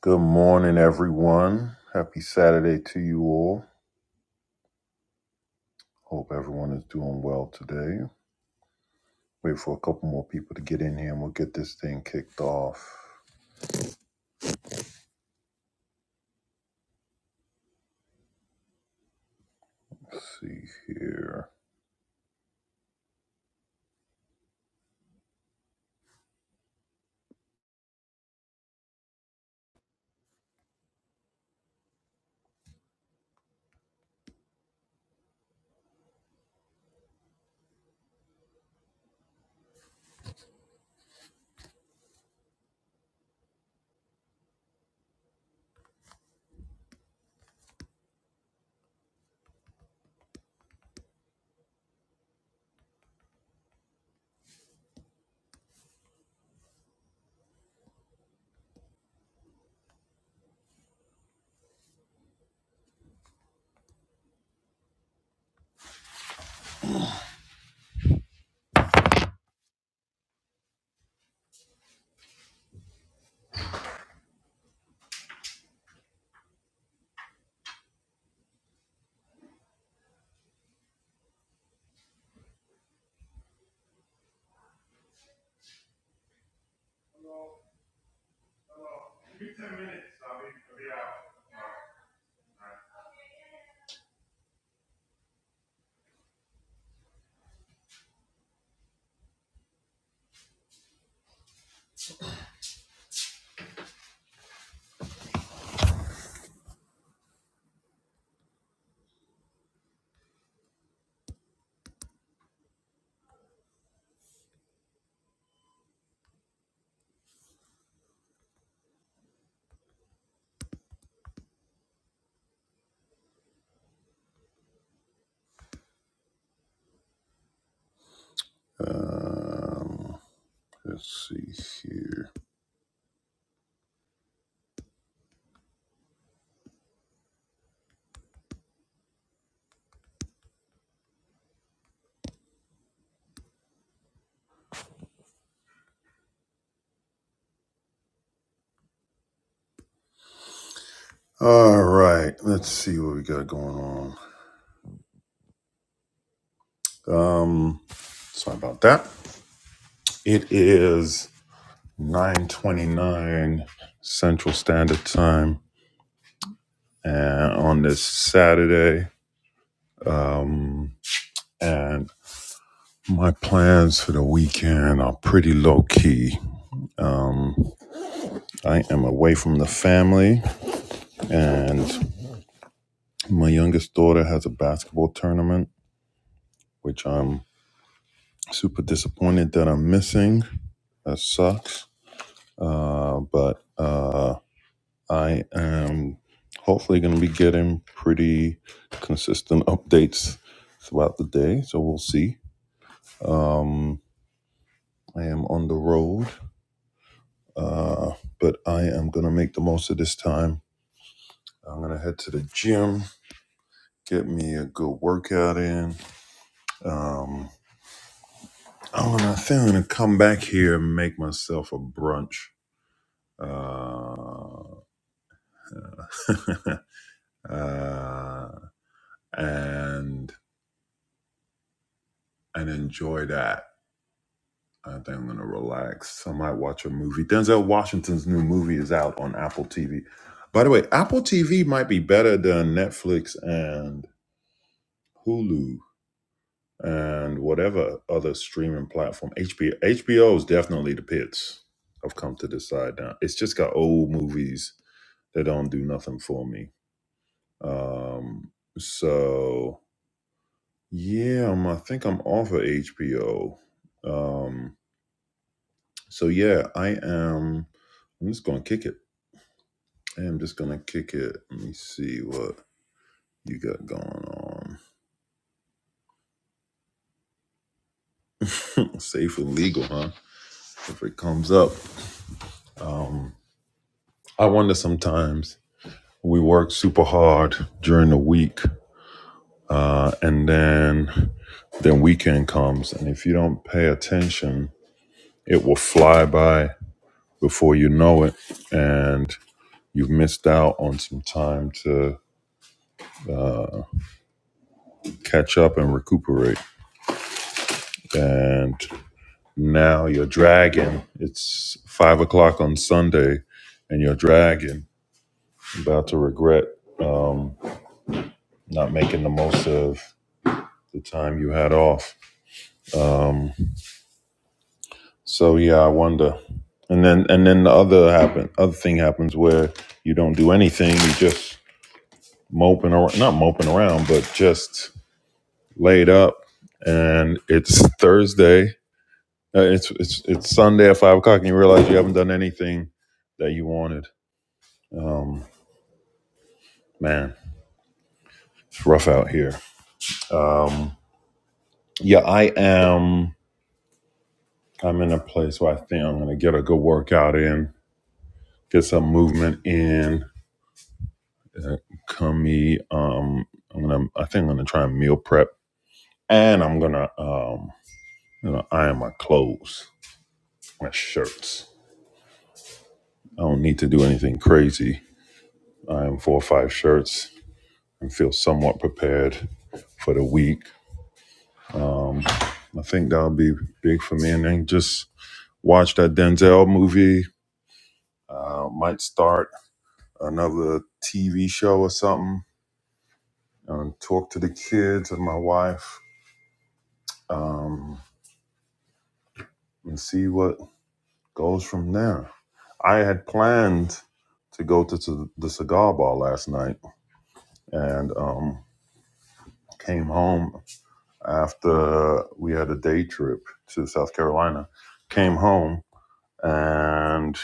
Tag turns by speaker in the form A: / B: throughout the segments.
A: Good morning, everyone. Happy Saturday to you all. Hope everyone is doing well today. Wait for a couple more people to get in here and we'll get this thing kicked off. Let's see here. Um, let's see here. All right, let's see what we got going on. Um, sorry about that. It is 9:29 Central Standard Time and on this Saturday. Um, and My plans for the weekend are pretty low key. Um, I am away from the family, and my youngest daughter has a basketball tournament, which I'm super disappointed that I'm missing. That sucks. Uh, but uh, I am hopefully going to be getting pretty consistent updates throughout the day, so we'll see. Um, I am on the road, uh, but I am going to make the most of this time I'm gonna head to the gym, get me a good workout in. Um, I'm gonna I think I'm gonna come back here and make myself a brunch. Uh, uh, and and enjoy that. I think I'm gonna relax. I might watch a movie. Denzel Washington's new movie is out on Apple TV. By the way, Apple TV might be better than Netflix and Hulu and whatever other streaming platform. HBO HBO is definitely the pits. I've come to decide now. It's just got old movies that don't do nothing for me. Um, so yeah, I'm, I think I'm off of HBO. Um, so yeah, I am. I'm just gonna kick it. I am just gonna kick it. Let me see what you got going on. Safe and legal, huh? If it comes up, um, I wonder sometimes. we worked super hard during the week uh, and then then weekend comes and if you don't pay attention it will fly by before you know it and you've missed out on some time to catch up and recuperate and now you're dragging it's five o'clock on sunday and you're dragging about to regret um, not making the most of the time you had off Um, So yeah, I wonder. And then and then the other happen other thing happens where you don't do anything, you just moping around not moping around, but just laid up and it's Thursday. uh, It's it's it's Sunday at five o'clock and you realize you haven't done anything that you wanted. Um man, it's rough out here. Um yeah, I am I'm in a place where I think I'm gonna get a good workout in, get some movement in uh, Kumi. Um, I'm gonna. I think I'm gonna try and meal prep, and I'm gonna um, you know, iron my clothes, my shirts. I don't need to do anything crazy. Iron four or five shirts and feel somewhat prepared for the week. Um, I think that'll be big for me. And then just watch that Denzel movie. Uh, might start another TV show or something. And talk to the kids and my wife. Um, and see what Goes from there. I had planned to go to, to the cigar bar last night and um, came home after we had a day trip to South Carolina. Came home and,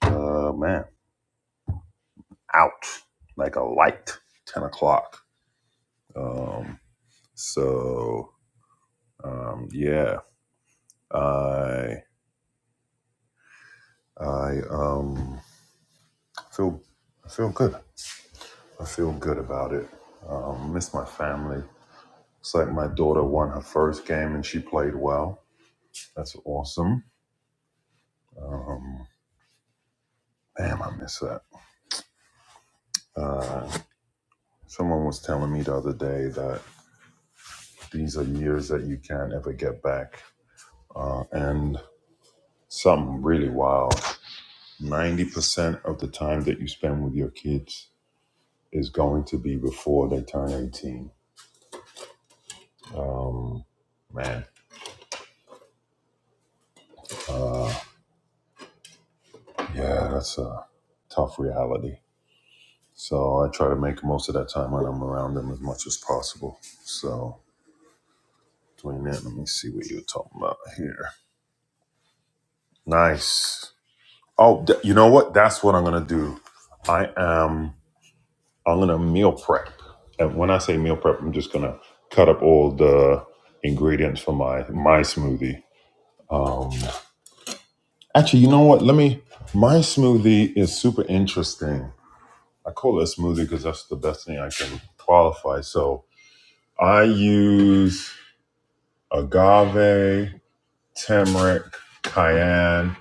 A: uh, man, out like a light, 10 o'clock. Um, so, um, yeah, I, I um, feel, I feel good. I feel good about it. Um, miss my family Looks like my daughter won her first game and she played well. That's awesome. Um, damn, I miss that. Uh, someone was telling me the other day that these are years that you can't ever get back. Uh, and something really wild 90% of the time that you spend with your kids is going to be before they turn 18. Um, man, yeah, that's a tough reality. So I try to make most of that time when I'm around them as much as possible. So Doing that. Let me see what you were talking about here. Nice. Oh, th- you know what? That's what I'm gonna do. I am. I'm gonna meal prep. And when I say meal prep, I'm just gonna cut up all the ingredients for my my smoothie. Um, actually, you know what? Let me. My smoothie is super interesting. I call it a smoothie because that's the best thing I can qualify. So I use agave, turmeric, cayenne.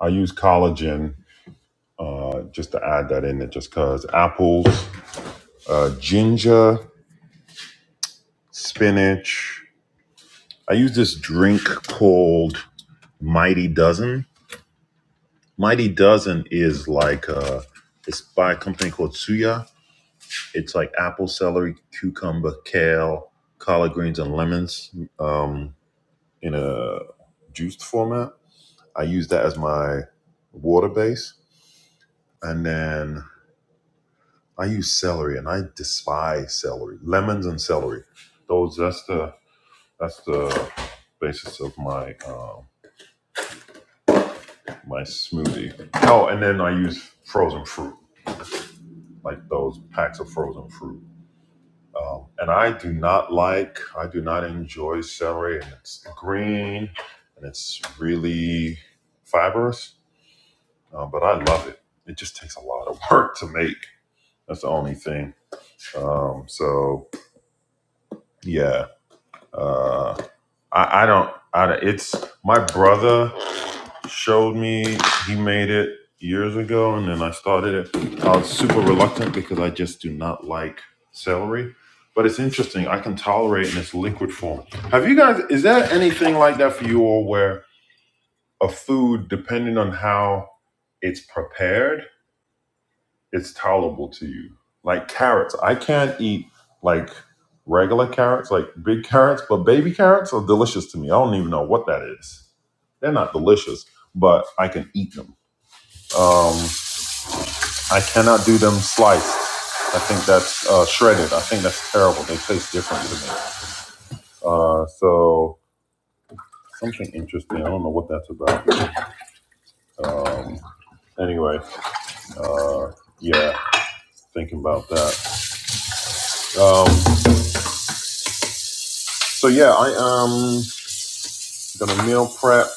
A: I use collagen Uh, just to add that in there, just cause apples, uh, ginger, spinach. I use this drink called Mighty Dozen. Mighty Dozen is like uh, it's by a company called Suya. It's like apple, celery, cucumber, kale, collard greens, and lemons um, in a juiced format. I use that as my water base, and then I use celery, and I despise celery. Lemons and celery. Those. That's the. That's the basis of my um, my smoothie. Oh, and then I use frozen fruit, like those packs of frozen fruit. Um, and I do not like. I do not enjoy celery, and it's green, and it's really fibrous. Uh, but I love it. It just takes a lot of work to make. That's the only thing. Um, so yeah. Uh, I, I don't. I don't- it's my brother showed me. He made it years ago, and then I started it. I was super reluctant because I just do not like celery. But it's interesting. I can tolerate in its liquid form. Have you guys? Is there anything like that for you all, where a food, depending on how it's prepared, it's tolerable to you. Like carrots, I can't eat like regular carrots, like big carrots, but baby carrots are delicious to me. I don't even know what that is. They're not delicious, but I can eat them. Um, I cannot do them sliced. I think that's uh, shredded. I think that's terrible. They taste different to me. Uh, so something interesting. I don't know what that's about. Um, anyway, uh, yeah, thinking about that. Um, so yeah, I am. I'm Gonna meal prep.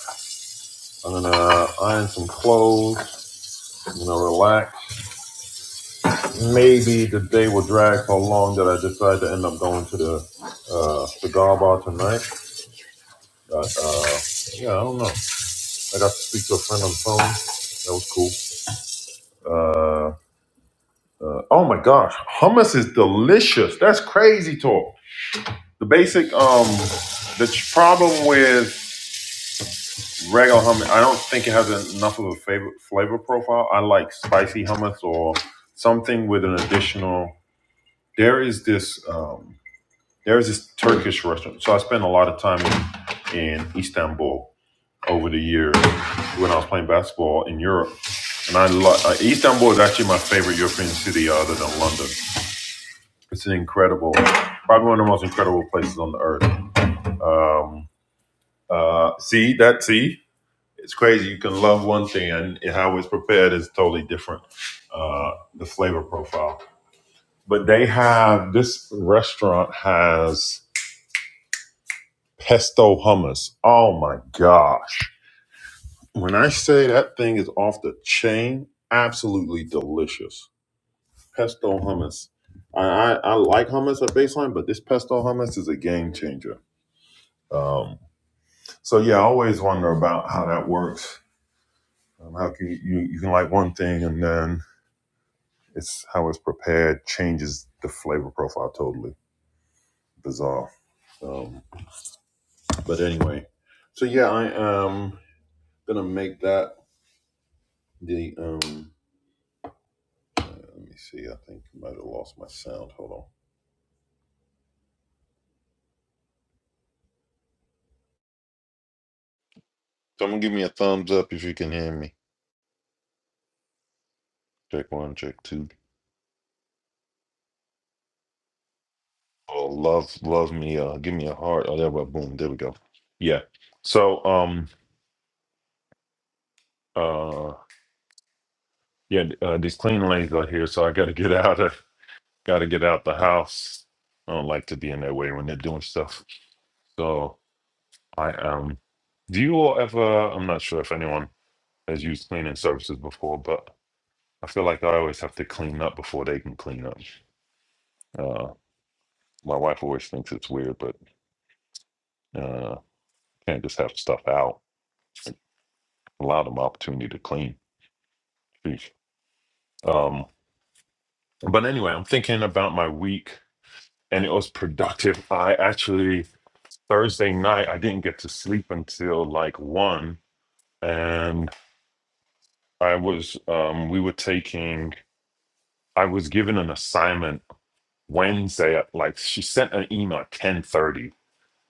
A: I'm gonna uh, iron some clothes. I'm gonna relax. Maybe the day will drag so long that I decide to end up going to the uh, cigar bar tonight. But, uh, yeah, I don't know. I got to speak to a friend on the phone. That was cool. Uh, uh, oh my gosh, hummus is delicious. That's crazy talk. The basic um, the ch- problem with regular hummus. I don't think it has enough of a flavor flavor profile. I like spicy hummus or something with an additional. There is this um, there is this Turkish restaurant. So I spent a lot of time in, in Istanbul over the years when I was playing basketball in Europe. And I love uh, Istanbul is actually my favorite European city other than London. It's an incredible, probably one of the most incredible places on the earth. Um, uh, see that? See it's crazy. You can love one thing, and how it's prepared is totally different. Uh, the flavor profile, but they have this restaurant has pesto hummus. Oh my gosh! When I say that thing is off the chain, absolutely delicious. Pesto hummus. I I, I like hummus at baseline, but this pesto hummus is a game changer. Um, so yeah, I always wonder about how that works. Um, how can you, you you can like one thing and then It's how it's prepared changes the flavor profile totally. Bizarre. Um, but anyway, so yeah, I am gonna make that the um. uh, Let me see. I think I might have lost my sound. Hold on. Someone give me a thumbs up if you can hear me. Check one, check two. Oh, love, love me. Uh, give me a heart. Oh, there we go. boom. There we go. Yeah. So um uh yeah uh, these clean lanes are here, so I got to get out of. got to get out the house. I don't like to be in their way when they're doing stuff. So I um, do you all ever? I'm not sure if anyone has used cleaning services before, but I feel like I always have to clean up before they can clean up. Uh, my wife always thinks it's weird, but uh, can't just have stuff out. Allow them opportunity to clean. Sheesh. Um, but anyway, I'm thinking about my week, and it was productive. I actually Thursday night I didn't get to sleep until like one and I was um we were taking I was given an assignment Wednesday at like she sent an email at 10:30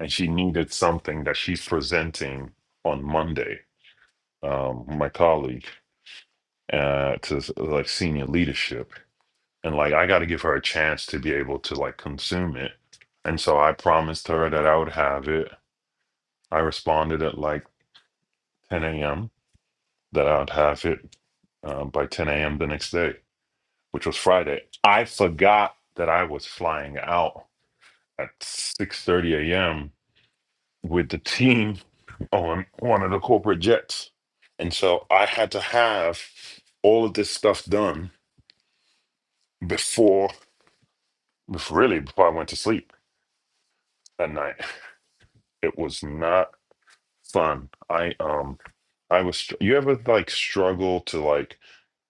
A: and she needed something that she's presenting on Monday um my colleague uh to s- like senior leadership and like I got to give her a chance to be able to like consume it and so I promised her that I would have it I responded at like 10 a.m. that I'd have it uh, by 10 a.m. the next day which was Friday. I forgot that I was flying out at 6:30 a.m. with the team on one of the corporate jets. And so I had to have all of this stuff done before before- really before I went to sleep that night. It was not fun. I um I was str- you ever like struggle to like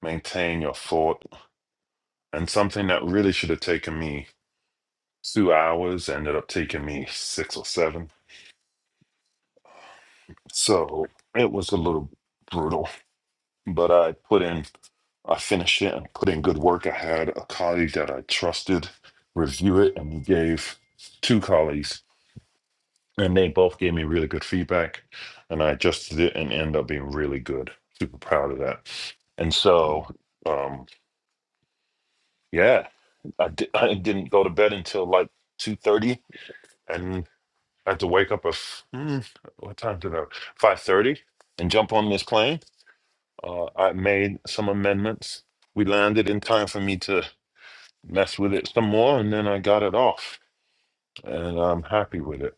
A: maintain your thought and something that really should have taken me 2 hours ended up taking me 6 or 7 So it was a little brutal, but I put in, I finished it and put in good work. I had a colleague that I trusted review it, and he gave two colleagues, and they both gave me really good feedback. And I adjusted it and ended up being really good. Super proud of that. And so, um, yeah, I, di- I didn't go to bed until like 2.30 and I had to wake up at, f- mm, what time did I, 5.30 and jump on this plane Uh, I made some amendments. We landed in time for me to mess with it some more, and then I got it off, and I'm happy with it.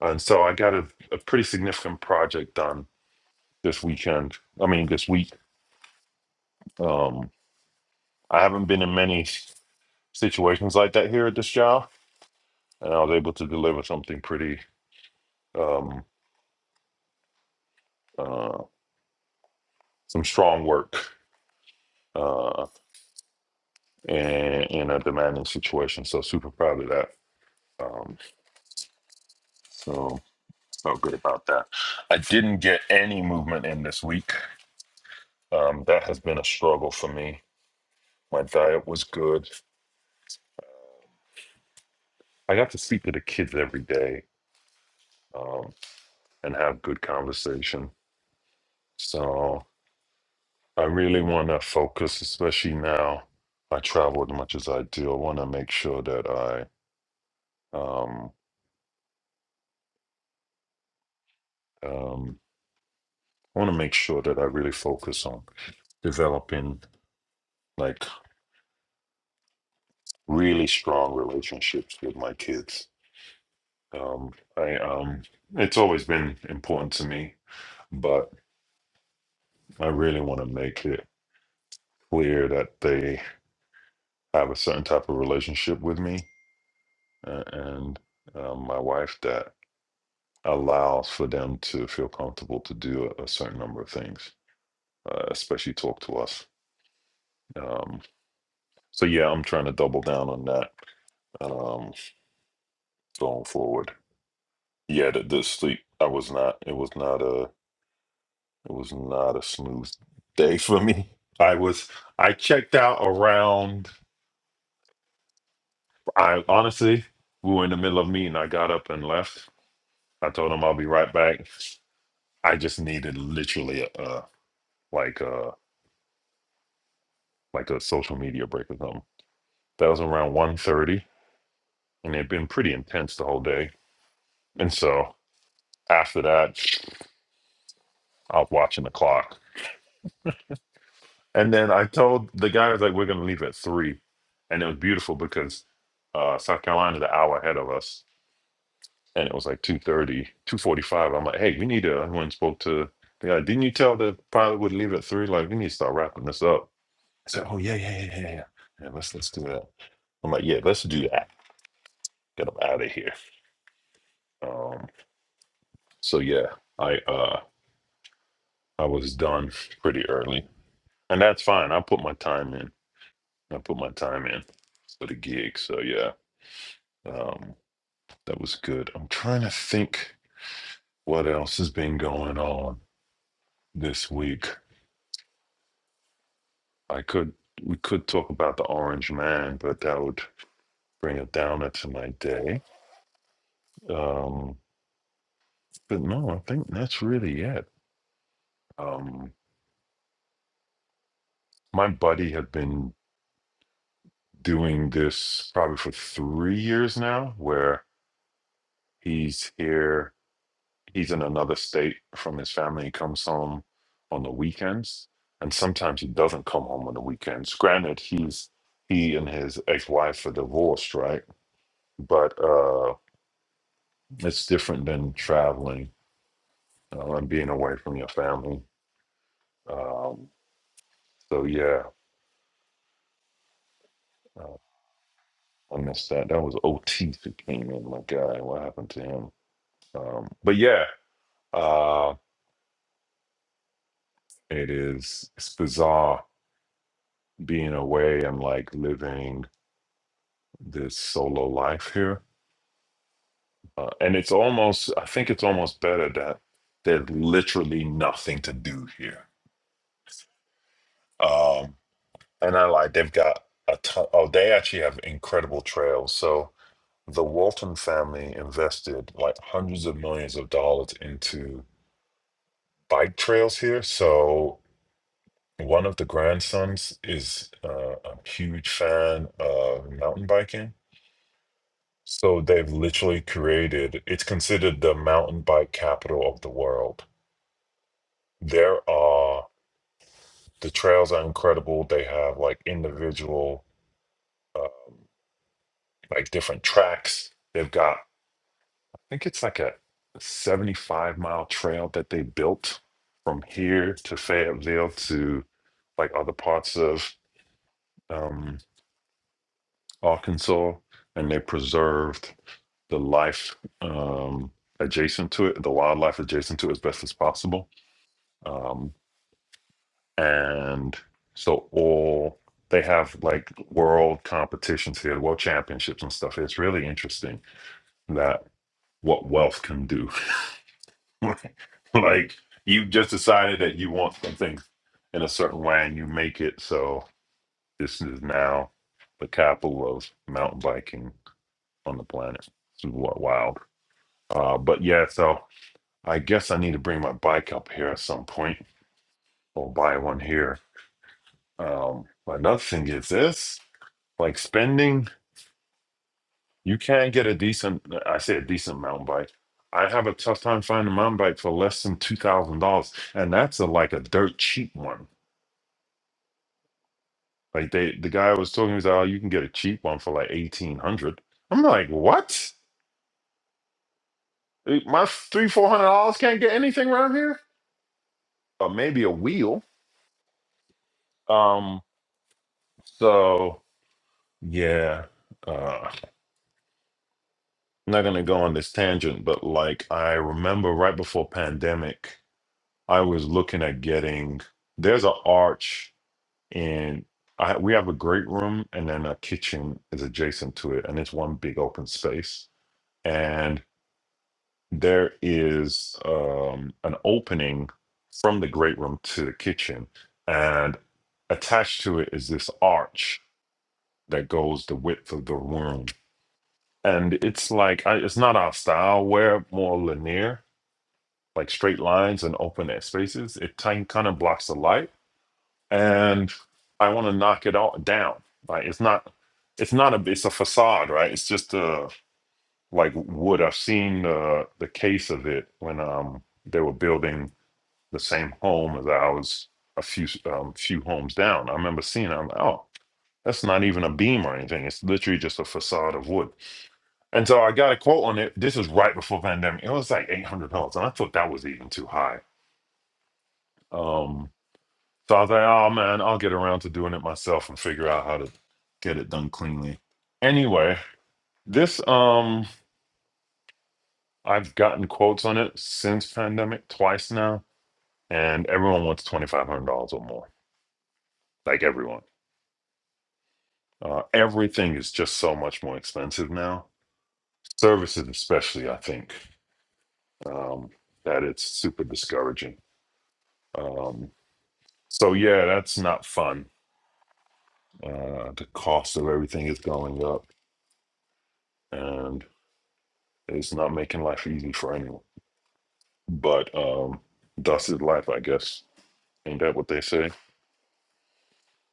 A: And so I got a, a pretty significant project done this weekend. I mean, this week. Um, I haven't been in many situations like that here at this job, and I was able to deliver something pretty, um, uh, some strong work uh, in, in a demanding situation. So super proud of that. Um, so. So good about that. I didn't get any movement in this week. Um, that has been a struggle for me. My diet was good. I got to speak to the kids every day um, and have good conversation. So I really want to focus, especially now. I travel as much as I do. I want to make sure that I um, um, I want to make sure that I really focus on developing like really strong relationships with my kids Um, I um, it's always been important to me, but I really want to make it clear that they have a certain type of relationship with me uh, and um, my wife that allows for them to feel comfortable to do a, a certain number of things, uh, especially talk to us. Um, so yeah, I'm trying to double down on that um, going forward. Yeah, the, the sleep I was not. It was not It was not a smooth day for me. I was I checked out around I honestly we were in the middle of meeting. I got up and left. I told him I'll be right back. I just needed literally a, a like a like a social media break or something. That was around one thirty, and it had been pretty intense the whole day. And so after that, I was watching the clock. And then I told the guy I was like, we're gonna leave at three. And it was beautiful because uh, South Carolina's an hour ahead of us and it was like two thirty, two forty-five. i'm like hey we need to I went and spoke to the guy didn't you tell the pilot would leave at three like we need to start wrapping this up i said oh yeah yeah yeah yeah yeah yeah let's let's do that i'm like yeah let's do that get them out of here um so yeah i uh i was done pretty early and that's fine i put my time in i put my time in for the gig so yeah um that was good i'm trying to think what else has been going on this week I could we could talk about the Orange Man, but that would bring it downer to my day. Um, but no, I think that's really it. Um, my buddy had been doing this probably for three years now, where he's here, he's in another state from his family. He comes home on the weekends, and sometimes he doesn't come home on the weekends. Granted, he's he and his ex-wife are divorced, right? But uh, it's different than traveling uh, and being away from your family. Um, so yeah, uh, I missed that. That was Otis who came in. My God, what happened to him? Um, but yeah, uh, it is. It's bizarre being away and like living this solo life here. Uh, and it's almost. I think it's almost better that there's literally nothing to do here. Um, and I like they've got a ton. Oh, they actually have incredible trails. So the Walton family invested like hundreds of millions of dollars into bike trails here. So one of the grandsons is uh, a huge fan of mountain biking. So they've literally created, it's considered the mountain bike capital of the world. There are, the trails are incredible. They have like individual, um, like different tracks. They've got think it's like a 75 mile trail that they built from here to Fayetteville to like other parts of um, Arkansas, and they preserved the life um, adjacent to it, the wildlife adjacent to it as best as possible. Um, and so all they have like world competitions here, world championships and stuff. It's really interesting that what wealth can do like you just decided that you want something in a certain way and you make it so this is now the capital of mountain biking on the planet it's wa- wild uh but yeah so i guess i need to bring my bike up here at some point or buy one here um another thing is this like spending you can get a decent i say a decent mountain bike i have a tough time finding a mountain bike for less than two thousand dollars and that's a like a dirt cheap one Like they, the guy was talking, he was like, "Oh, you can get a cheap one for like eighteen hundred." hundred. I'm like, "What? Eh, My three, four hundred dollars can't get anything around here, or maybe a wheel." Um, so yeah, uh, I'm not gonna go on this tangent, but like I remember right before pandemic, I was looking at getting. There's an arch in. I, we have a great room, and then a kitchen is adjacent to it, and it's one big open space and. there is um, an opening from the great room to the kitchen, and attached to it is this arch that goes the width of the room. And it's like I, it's not our style. We're more linear, like straight lines and open air spaces. It kind of blocks the light, and I want to knock it all down. Like it's not, it's not a, it's a facade, right? It's just a like wood. I've seen the the case of it when um they were building the same home as ours, a few um, few homes down. I remember seeing it. I'm like, oh, that's not even a beam or anything. It's literally just a facade of wood. And so I got a quote on it. This is right before pandemic. It was like eight hundred dollars, and I thought that was even too high. Um, so I was like, oh man, I'll get around to doing it myself and figure out how to get it done cleanly. Anyway, this um, I've gotten quotes on it since pandemic twice now, and everyone wants twenty five hundred dollars or more. Like everyone. Uh, everything is just so much more expensive now. Services, especially, I think um, that it's super discouraging. Um, so yeah, that's not fun. Uh, the cost of everything is going up, and it's not making life easy for anyone. But um, thus is life, I guess. Ain't that what they say?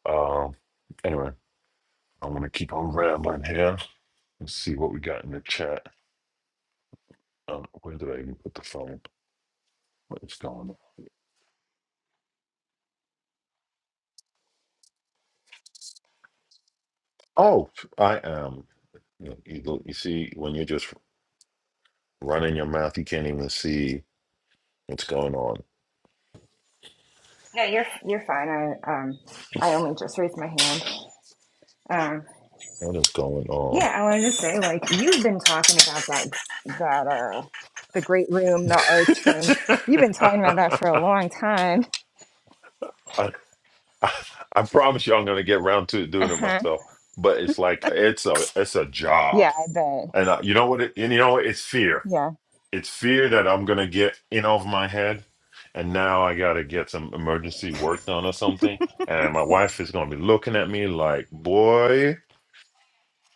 A: Um, anyway, I am going to keep on rambling here. Let's see what we got in the chat. Um, where did I even put the phone? What is going on? Oh, I am. You, know, you go- you see, when you're just running your mouth, you can't even see what's going on.
B: No, you're you're fine. I um I only just raised my hand. Um
A: What is going on?
B: yeah, I wanted to say like you've been talking about that that uh the great room, the arch thing. You've been talking about that for a long time.
A: I, I, I promise you, I'm going to get round to doing it
B: Uh-huh.
A: myself. But it's like it's a it's a
B: Yeah,
A: job,
B: I bet.
A: and uh, you know what? It, and you know what? it's fear.
B: Yeah.
A: It's fear that I'm going to get in over my head, and now I got to get some emergency work done or something. And my wife is going to be looking at me like, boy.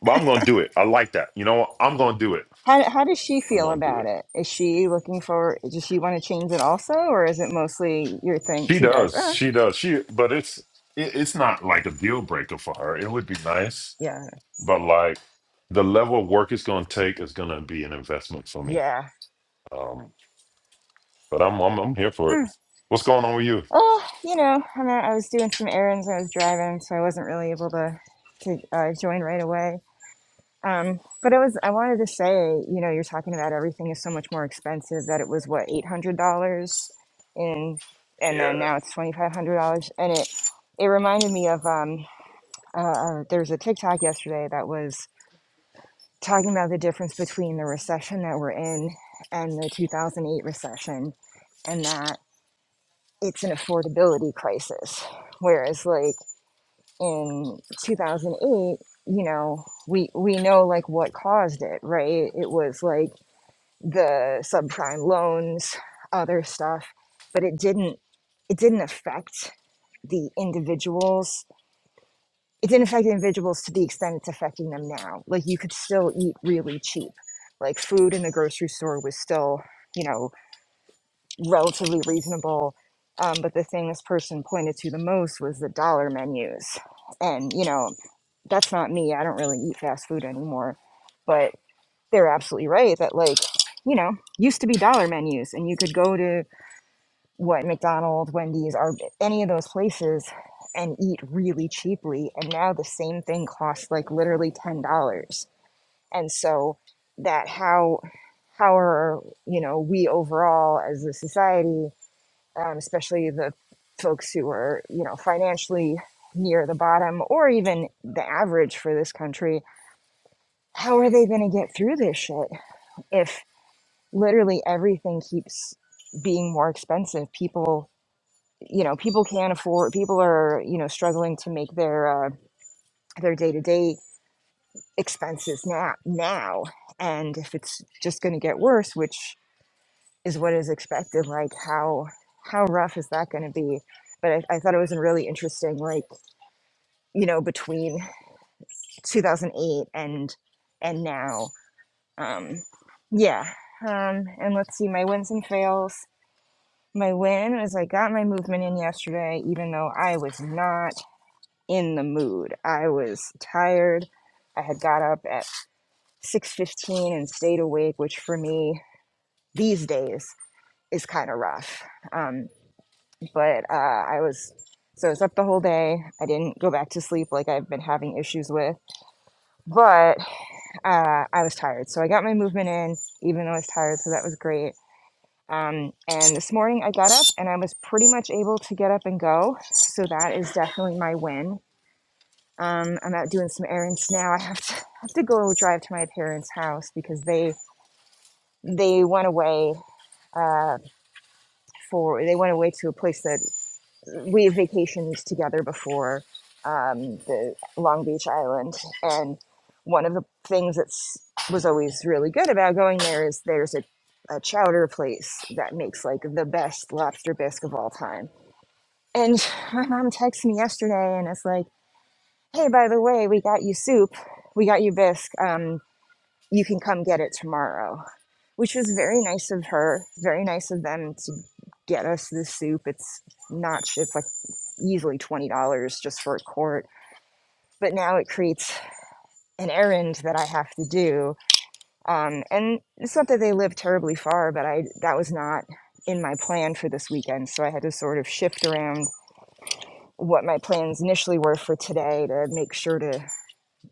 A: But I'm going to do it. I like that. You know what? I'm going to do it.
B: How how does she
A: I'm
B: feel
A: gonna do
B: about
A: it.
B: it? Is she looking for does she want to change it also or is it mostly your thing
A: She
B: she does?
A: does.
B: Oh,
A: She does. She, but it's it, it's not like a deal breaker for her. It would be nice,
B: yeah.
A: but like the level of work it's gonna take is gonna be an investment for me.
B: Yeah.
A: Um, but I'm I'm I'm here for
B: Hmm.
A: it. What's going on with you?
B: Oh, you know, I mean, I was doing some errands. I was driving, so I wasn't really able to to uh, join right away. Um, but it was, I wanted to say, you know, you're talking about everything is so much more expensive that it was what, $800 in, and then
A: Yeah.
B: now it's $2,500. And it, it reminded me of, um, uh, uh, there was a TikTok yesterday that was talking about the difference between the recession that we're in and the 2008 recession and that it's an affordability crisis. Whereas like in 2008, you know, we, we know like what caused it, right? It was like, the subprime loans, other stuff, but it didn't it didn't affect the individuals. It didn't affect individuals to the extent it's affecting them now. Like you could still eat really cheap. Like food in the grocery store was still, you know, relatively reasonable. Um, but the thing this person pointed to the most was the dollar menus. And, you know, that's not me. I don't really eat fast food anymore. but they're absolutely right that like you know used to be dollar menus and you could go to what mcdonald's wendy's or any of those places and eat really cheaply and now the same thing costs like literally ten dollars and so that how how are you know we overall as a society um, especially the folks who are you know financially near the bottom or even the average for this country how are they going to get through this shit if? literally everything keeps being more expensive. People, you know, people can't afford. People are, you know, struggling to make their uh, their day to day expenses now. Now, and if it's just going to get worse, which is what is expected, like how how rough is that going to be? But I, I thought it was really interesting, like you know, between 2008 and and now, um, yeah. Um, and let's see, my wins and fails. My win is I got my movement in yesterday, even though I was not in the mood. I was tired. I had got up at 6:15 and stayed awake, which for me these days is kind of rough. Um, but uh, I was so I was up the whole day. I didn't go back to sleep like I've been having issues with, but uh, I was tired. So I got my movement in, even though I was tired. So that was great Um, and this morning I got up and I was pretty much able to get up and go. So that is definitely my win. Um, I'm out doing some errands now. I have to have to go drive to my parents' house because they they went away uh, for they went away to a place that we had vacationed together before um, the Long Beach Island. And one of the things that was always really good about going there is there's a, a chowder place that makes like the best lobster bisque of all time And my mom texted me yesterday and it's like, hey, by the way, we got you soup. We got you bisque. Um, you can come get it tomorrow, which was very nice of her. Very nice of them to get us the soup. It's not, sh- it's like easily $20 just for a quart. But now it creates an errand that I have to do. Um, and it's not that they live terribly far, but I that was not in my plan for this weekend. So I had to sort of shift around what my plans initially were for today to make sure to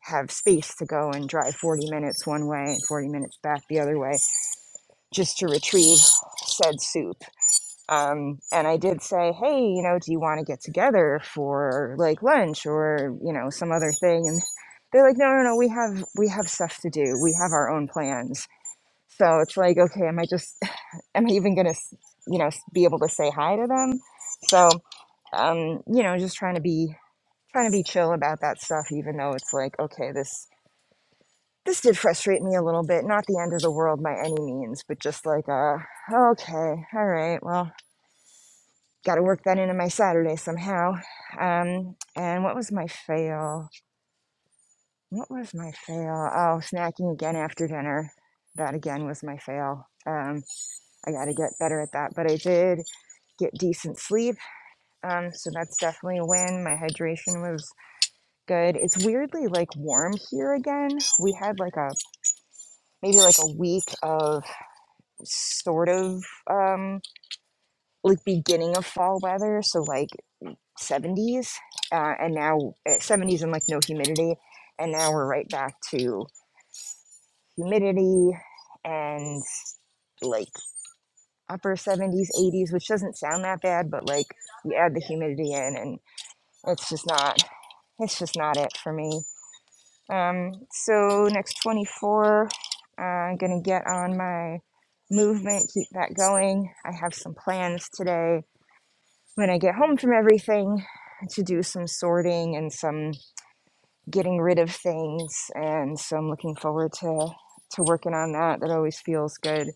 B: have space to go and drive 40 minutes one way and 40 minutes back the other way just to retrieve said soup. Um, and I did say, hey, you know, do you want to get together for like lunch or, you know, some other thing? And they're like, no, no, no, we have, we have stuff to do. We have our own plans. So it's like, okay, am I just, am I even going to, you know, be able to say hi to them? So, um, you know, just trying to be trying to be chill about that stuff even though it's like okay this this did frustrate me a little bit not the end of the world by any means but just like uh okay all right well got to work that into my saturday somehow um and what was my fail what was my fail oh snacking again after dinner that again was my fail um i got to get better at that but i did get decent sleep um so that's definitely a win my hydration was good. It's weirdly like warm here again. We had like a maybe like a week of sort of um, like beginning of fall weather, so like 70s, uh, and now uh, 70s and like no humidity, and now we're right back to humidity and like upper 70s, 80s, which doesn't sound that bad, but like you add the humidity in, and it's just not, it's just not it for me. Um, so next 24, uh, I'm gonna get on my movement, keep that going. I have some plans today when I get home from everything to do some sorting and some getting rid of things, and so I'm looking forward to to working on that. That always feels good.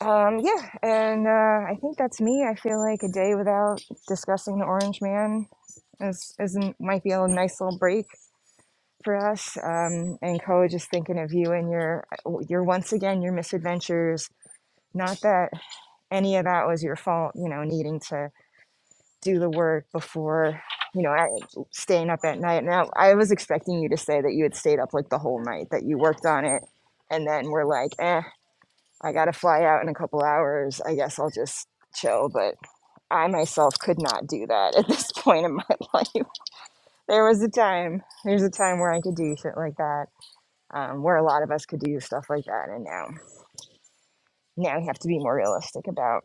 B: Um, yeah, and uh, I think that's me. I feel like a day without discussing the Orange Man is is might be a nice little break. for us. Um, and Ko, just thinking of you and your uh, your once again your misadventures. Not that any of that was your fault, you know, needing to do the work before, you know, I, staying up at night. Now I was expecting you to say that you had stayed up like the whole night, that you worked on it, and then we're like, eh, I got to fly out in a couple hours. I guess I'll just chill. But I myself could not do that at this point in my life. There was a time, there's a time where I could do shit like that um, where a lot of us could do stuff like that. And now, now we have to be more realistic about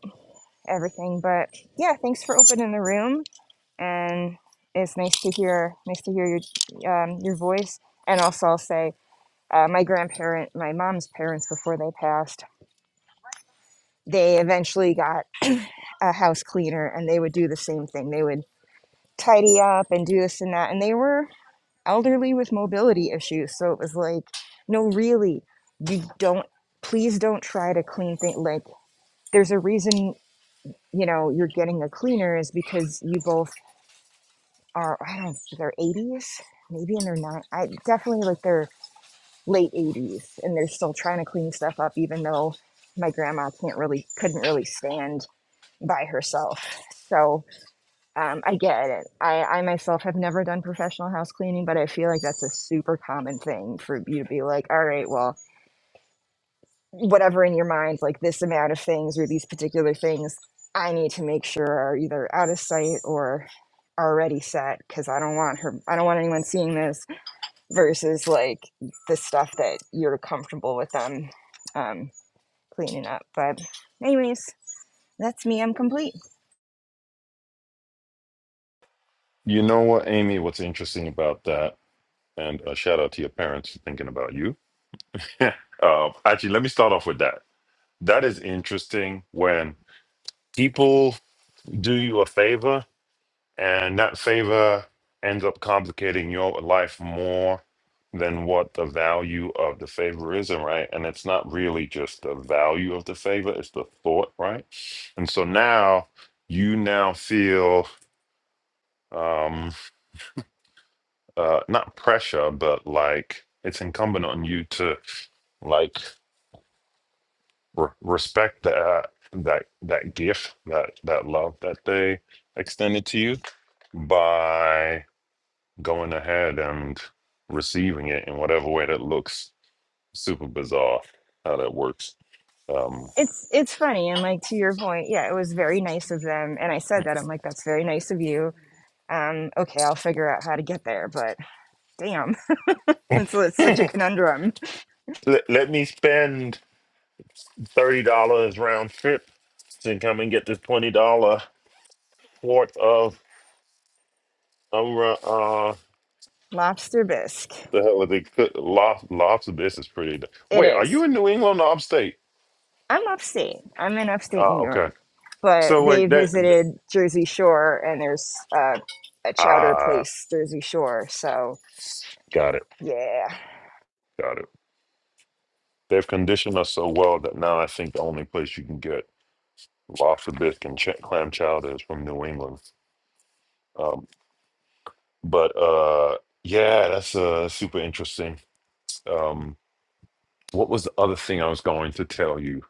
B: everything. But yeah, thanks for opening the room, and it's nice to hear, nice to hear your um, your voice. And also, I'll say, uh, my grandparent, my mom's parents, before they passed, they eventually got a house cleaner, and they would do the same thing. They would tidy up and do this and that, and they were elderly with mobility issues. So it was like, no, really, you don't, please don't try to clean things. Like, there's a reason, you know, you're getting a cleaner is because you both are, I don't know, they're 80s, maybe in their nine, I definitely like their late 80s, and they're still trying to clean stuff up, even though my grandma can't really, couldn't really stand by herself. So, Um, I get it. I, I myself have never done professional house cleaning, but I feel like that's a super common thing for you to be like, all right, well, whatever in your mind, like this amount of things or these particular things, I need to make sure are either out of sight or already set because I don't want her, I don't want anyone seeing this versus like the stuff that you're comfortable with them um, cleaning up. But, anyways, that's me. I'm complete.
A: You know what, Amy? What's interesting about that? And a shout out to your parents for thinking about you. uh, actually, let me start off with that. That is interesting when people do you a favor And that favor ends up complicating your life more than what the value of the favor is, and right? And it's not really just the value of the favor, it's the thought, right? And so now you now feel um uh not pressure, but like it's incumbent on you to like re- respect that that that gift, that that love that they extended to you by going ahead and receiving it in whatever way that looks super bizarre how that works um
B: it's it's funny and like to your point yeah it was very nice of them and i said that i'm like that's very nice of you um okay i'll figure out how to get there but damn it's, it's such a conundrum
A: let, let me spend $30 round trip to come and get this $20 worth of um, uh
B: lobster bisque
A: what the hell are they cook lob, lobster this is pretty d-
B: it
A: wait are
B: is
A: you in new england or upstate
B: i'm upstate i'm in upstate
A: uh
B: new
A: okay
B: york but
A: so
B: they
A: wait that th-
B: visited jersey shore and there's uh, a chowder
A: ah
B: place jersey shore so
A: got it
B: yeah
A: got it they've conditioned us so well that now i think the only place you can get lobster bisque and ch- clam chowder is from new england Um, but uh, yeah, that's uh, super interesting. Um, what was the other thing I was going to tell you?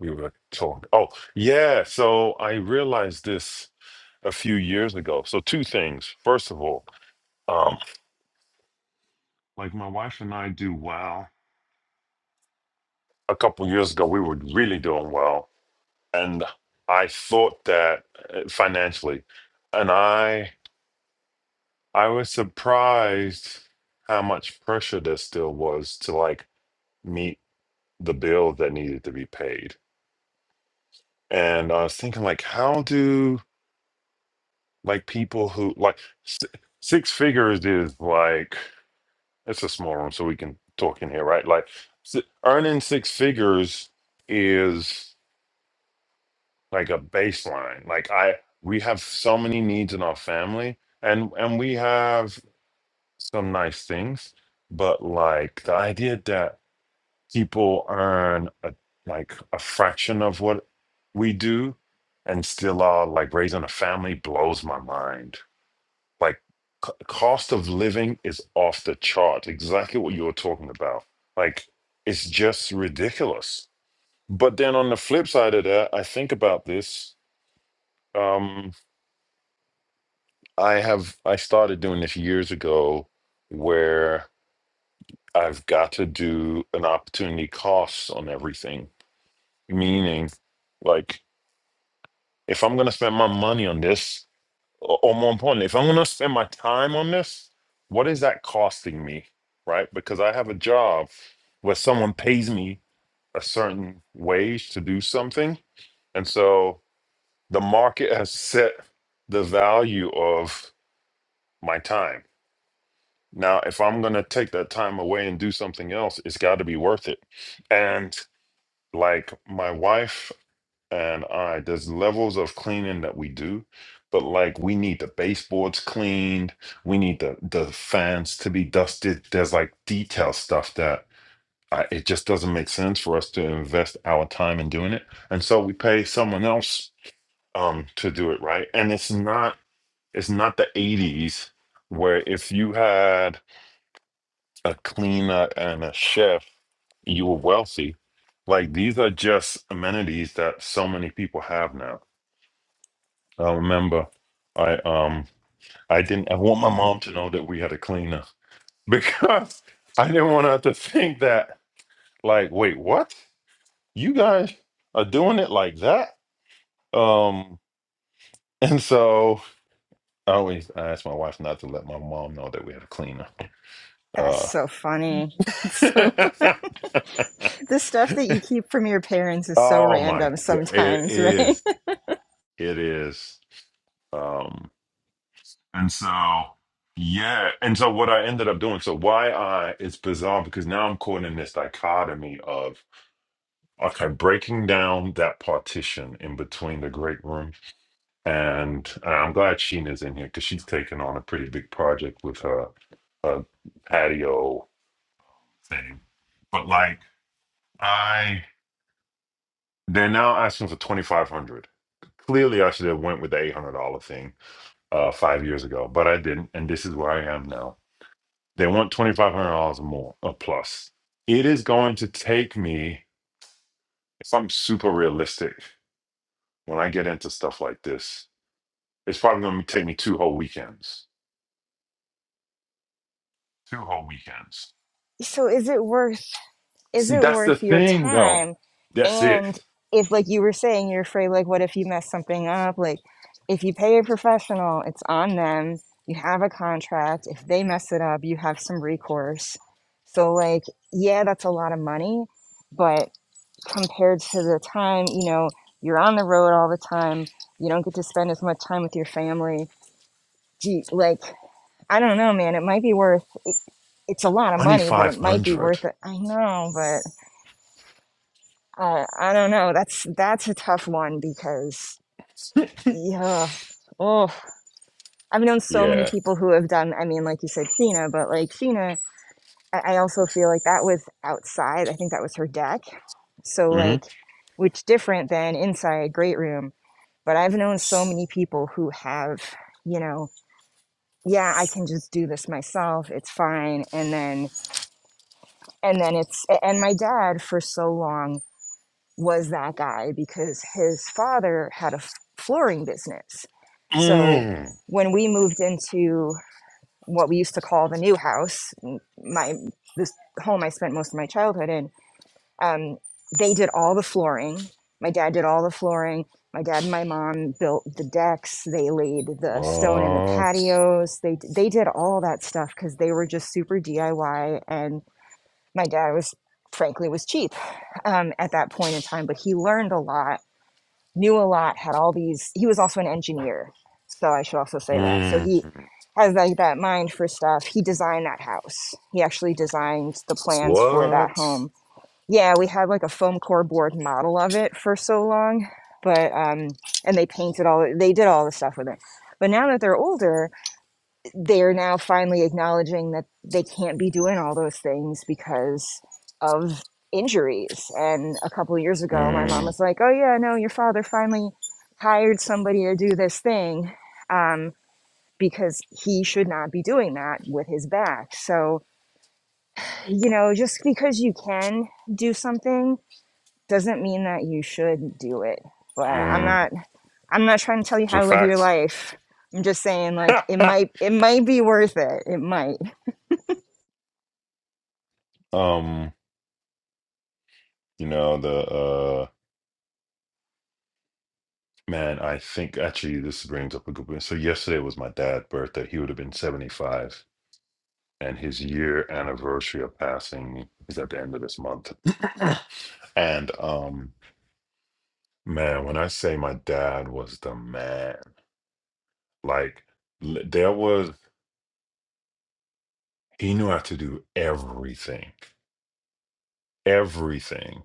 A: We were talking. Oh, yeah. So I realized this a few years ago. So two things. First of all, um, like my wife and I do well. A couple years ago, we were really doing well, and I thought that uh, financially, and I I was surprised how much pressure there still was to like meet the bill that needed to be paid. And I was thinking, like, how do like people who like s- six figures is like it's a small room, so we can talk in here, right? Like s- earning six figures is like a baseline. Like I, we have so many needs in our family, and and we have some nice things, but like the idea that people earn a, like a fraction of what we do and still are like raising a family blows my mind like c- cost of living is off the chart exactly what you were talking about like it's just ridiculous but then on the flip side of that i think about this um i have i started doing this years ago where i've got to do an opportunity cost on everything meaning like If I'm gonna spend my money on this, or, or more importantly, if I'm gonna spend my time on this, what is that costing me? Right? Because I have a job where someone pays me a certain wage to do something. And so the market has set the value of my time. Now, if I'm gonna take that time away and do something else, it's gotta be worth it. And like my wife and I there's levels of cleaning that we do, but like we need the baseboards cleaned, we need the the fans to be dusted. There's like detail stuff that I, it just doesn't make sense for us to invest our time in doing it, and so we pay someone else um to do it right. And it's not it's not the '80s where if you had a cleaner and a chef, you were wealthy. Like these are just amenities that so many people have now I remember I um I didn't I want my mom to know that we had a cleaner because I didn't want her to think that like wait what you guys are doing it like that um and so I always I asked my wife not to let my mom know that we had a cleaner
B: that's
A: uh
B: so funny that's so the stuff that you keep from your parents is so
A: oh my
B: random
A: god it
B: sometimes right
A: is it is Um And so, yeah. And so, what I ended up doing, so why I, it's bizarre because now I'm caught in this dichotomy of, okay, breaking down that partition in between the great room. And uh, I'm glad Sheena's in here because she's taken on a pretty big project with her, her patio thing. But like, I, they're now asking for 2500 Clearly, I should have went with the $800 thing uh, five years ago, but I didn't. And this is where I am now. They want twenty five hundred dollars or more or plus. It is going to take me, if I'm super realistic, when I get into stuff like this, it's probably going to take me two whole weekends. Two whole weekends.
B: so is it worth is
A: See,
B: it
A: that's the
B: worth your
A: thing, though.
B: time
A: That's it.
B: and if like you were saying you're afraid like what if you mess something up like if you pay a professional it's on them you have a contract if they mess it up you have some recourse so like yeah that's a lot of money but compared to the time you know you're on the road all the time you don't get to spend as much time with your family gee like i don't know man it might be worth it's a lot of
A: Twenty
B: money, but
A: five
B: it might be
A: hundred.
B: worth it. I know, but uh, I don't know. That's that's a tough one because yeah, oh, I've known so many
A: Yeah.
B: people who have done. I mean, like you said, Cena, but like Cena, I, I also feel like that was outside. I think that was her deck. So
A: hmm
B: like, which different than inside great room. But I've known so many people who have, you know, yeah, I can just do this myself. It's fine. And then and then it's and my dad for so long was that guy because his father had a f- flooring business. So
A: Mm.
B: when we moved into what we used to call the new house, my this home I spent most of my childhood in, um, they did all the flooring. My dad did all the flooring. My dad and my mom built the decks. They laid the stone in the
A: What?
B: patios. They they did all that stuff because they were just super DIY and my dad was frankly was cheap um, at that point in time but he learned a lot knew a lot had all these he was also an engineer so i should also say that so
A: Mm.
B: he has like that mind for stuff he designed that house he actually designed the plans for that
A: What?
B: home yeah we had like a foam core board model of it for so long but um and they painted all they did all the stuff with it but now that they're older they're now finally acknowledging that they can't be doing all those things because of injuries. And a couple of years ago, my mom
A: Mm.
B: was like, "Oh yeah, no, your father finally hired somebody to do this thing um, because he should not be doing that with his back." So you know, just because you can do something doesn't mean that you should do it. But I'm
A: Mm.
B: not. I'm not trying to tell you
A: It's a
B: how to live your
A: fact.
B: life. I'm just saying, like, it might. It might be worth it. It might.
A: um, you know the. uh, Man, I think actually this brings up a good point. So yesterday was my dad's birthday. He would have been 75, and his year anniversary of passing is at the end of this month. And um, man, when I say my dad was the man, like l- there was he knew how to do everything, everything.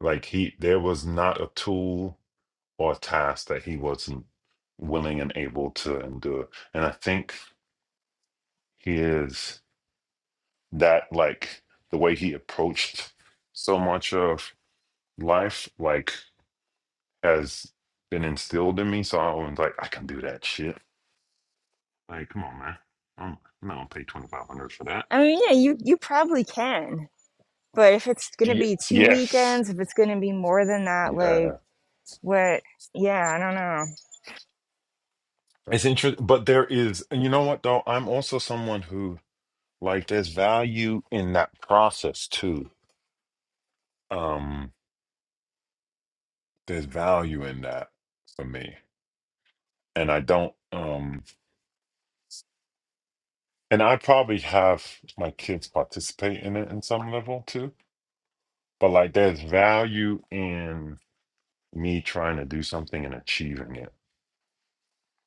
A: Like he, there was not a tool or task that he wasn't willing and able to endure. And I think he is. that like the way he approached so much of life like has been instilled in me. So I was like, I can do that shit. Like, come on, man. I'm I'm not gonna pay twenty five hundred for that.
B: I mean, yeah, you you probably can, but if it's gonna
A: Ye-
B: be two
A: yes.
B: weekends, if it's gonna be more than that, like
A: Yeah.
B: what? Yeah, I don't know.
A: It's interesting, but there is, and you know what though? I'm also someone who like there's value in that process too. Um, there's value in that for me, and I don't. Um, And I probably have my kids participate in it in some level too. But like there's value in me trying to do something and achieving it.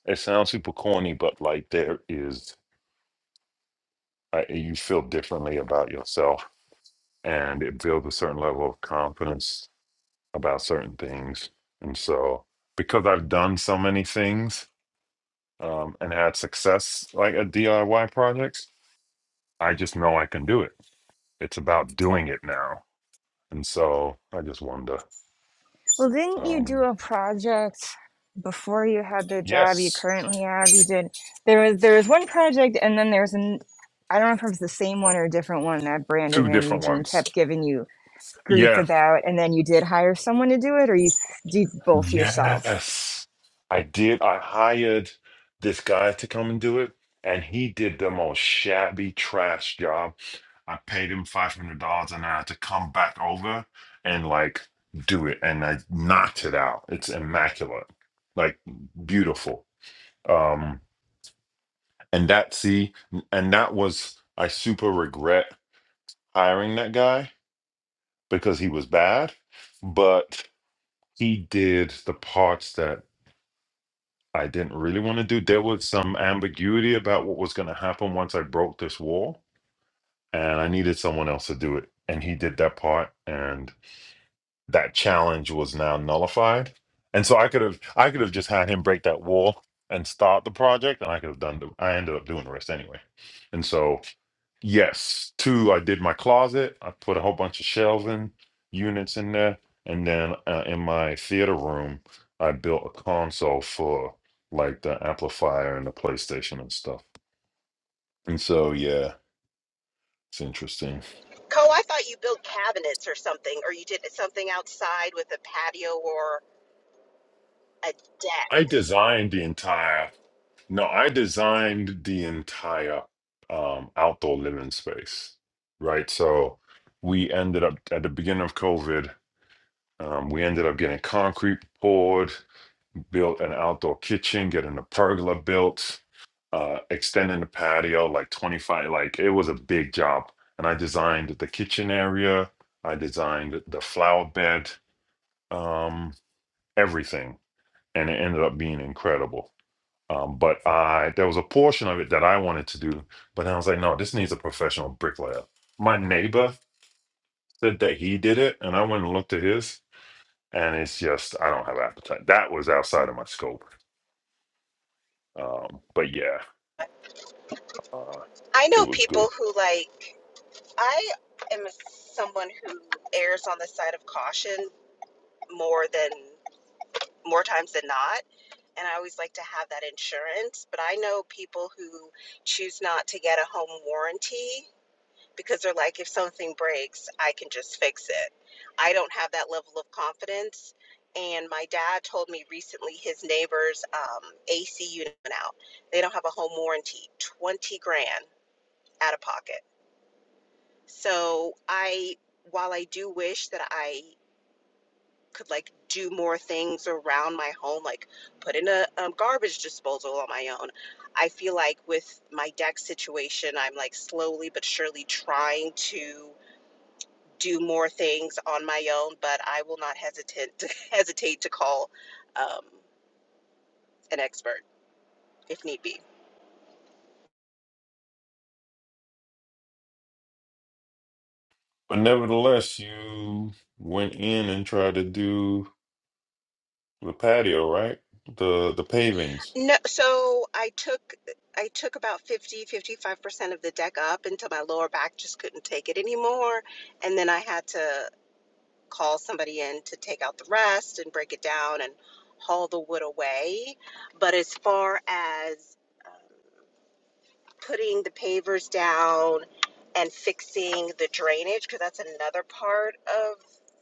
A: It sounds super corny, but like there is, uh, you feel differently about yourself and it builds a certain level of confidence about certain things. And so because I've done so many things um, and had success like at DIY projects, I just know I can do it. It's about doing it now. And so I just wonder.
B: Well, didn't you do
A: Um,
B: a project before you had the job you
A: yes,
B: currently have? You did. There was there was one project, and then there was an. I don't know if it was the same one or a different one that Brandon
A: two
B: and
A: different
B: Eugene
A: ones.
B: kept giving you grief
A: Yeah,
B: about, and then you did hire someone to do it, or you did both yourself.
A: yes, I did. I hired this guy to come and do it, and he did the most shabby trash job. I paid him five hundred dollars an hour to come back over and like do it, and I knocked it out. It's immaculate, like beautiful. Um, and that see, and that was I super regret hiring that guy because he was bad, but. he did the parts that I didn't really want to do. There was some ambiguity about what was going to happen once I broke this wall, and I needed someone else to do it. And he did that part, and that challenge was now nullified. And so I could have, I could have just had him break that wall and start the project, and I could have done. The, I ended up doing the rest anyway. And so Yes. Two, I did my closet. I put a whole bunch of shelving units in there. And then uh, in my theater room, I built a console for like the amplifier and the PlayStation and stuff. And so, yeah, it's interesting.
C: Co, I thought you built cabinets or something, or you did something outside with a patio or a deck.
A: I designed the entire, no, I designed the entire um, outdoor living space, right? So we ended up at the beginning of COVID, um, we ended up getting concrete poured built an outdoor kitchen, getting a pergola built, uh, extending the patio like 25. Like it was a big job. And I designed the kitchen area, I designed the flower bed, um, everything. And it ended up being incredible. Um, but I there was a portion of it that I wanted to do, but then I was like, no, this needs a professional bricklayer. My neighbor said that he did it, and I went and looked at his, and it's just I don't have appetite. That was outside of my scope. Um, but yeah, Uh,
C: I
A: it
C: know
A: was good.
C: people who like, I am someone who errs on the side of caution more than, more times than not. And I always like to have that insurance. But I know people who choose not to get a home warranty because they're like, if something breaks, I can just fix it. I don't have that level of confidence. And my dad told me recently his neighbor's um, AC unit went out. They don't have a home warranty, 20 grand out of pocket. So I, while I do wish that I could like do more things around my home, like put in a um, garbage disposal on my own, I feel like with my deck situation, I'm like slowly but surely trying to do more things on my own, but I will not hesitate to hesitate to call um, an expert if need be.
A: But nevertheless, you went in and tried to do the patio, right? The the pavings.
C: No, so I took I took about fifty fifty five percent of the deck up until my lower back just couldn't take it anymore, and then I had to call somebody in to take out the rest and break it down and haul the wood away. But as far as um, putting the pavers down and fixing the drainage because that's another part of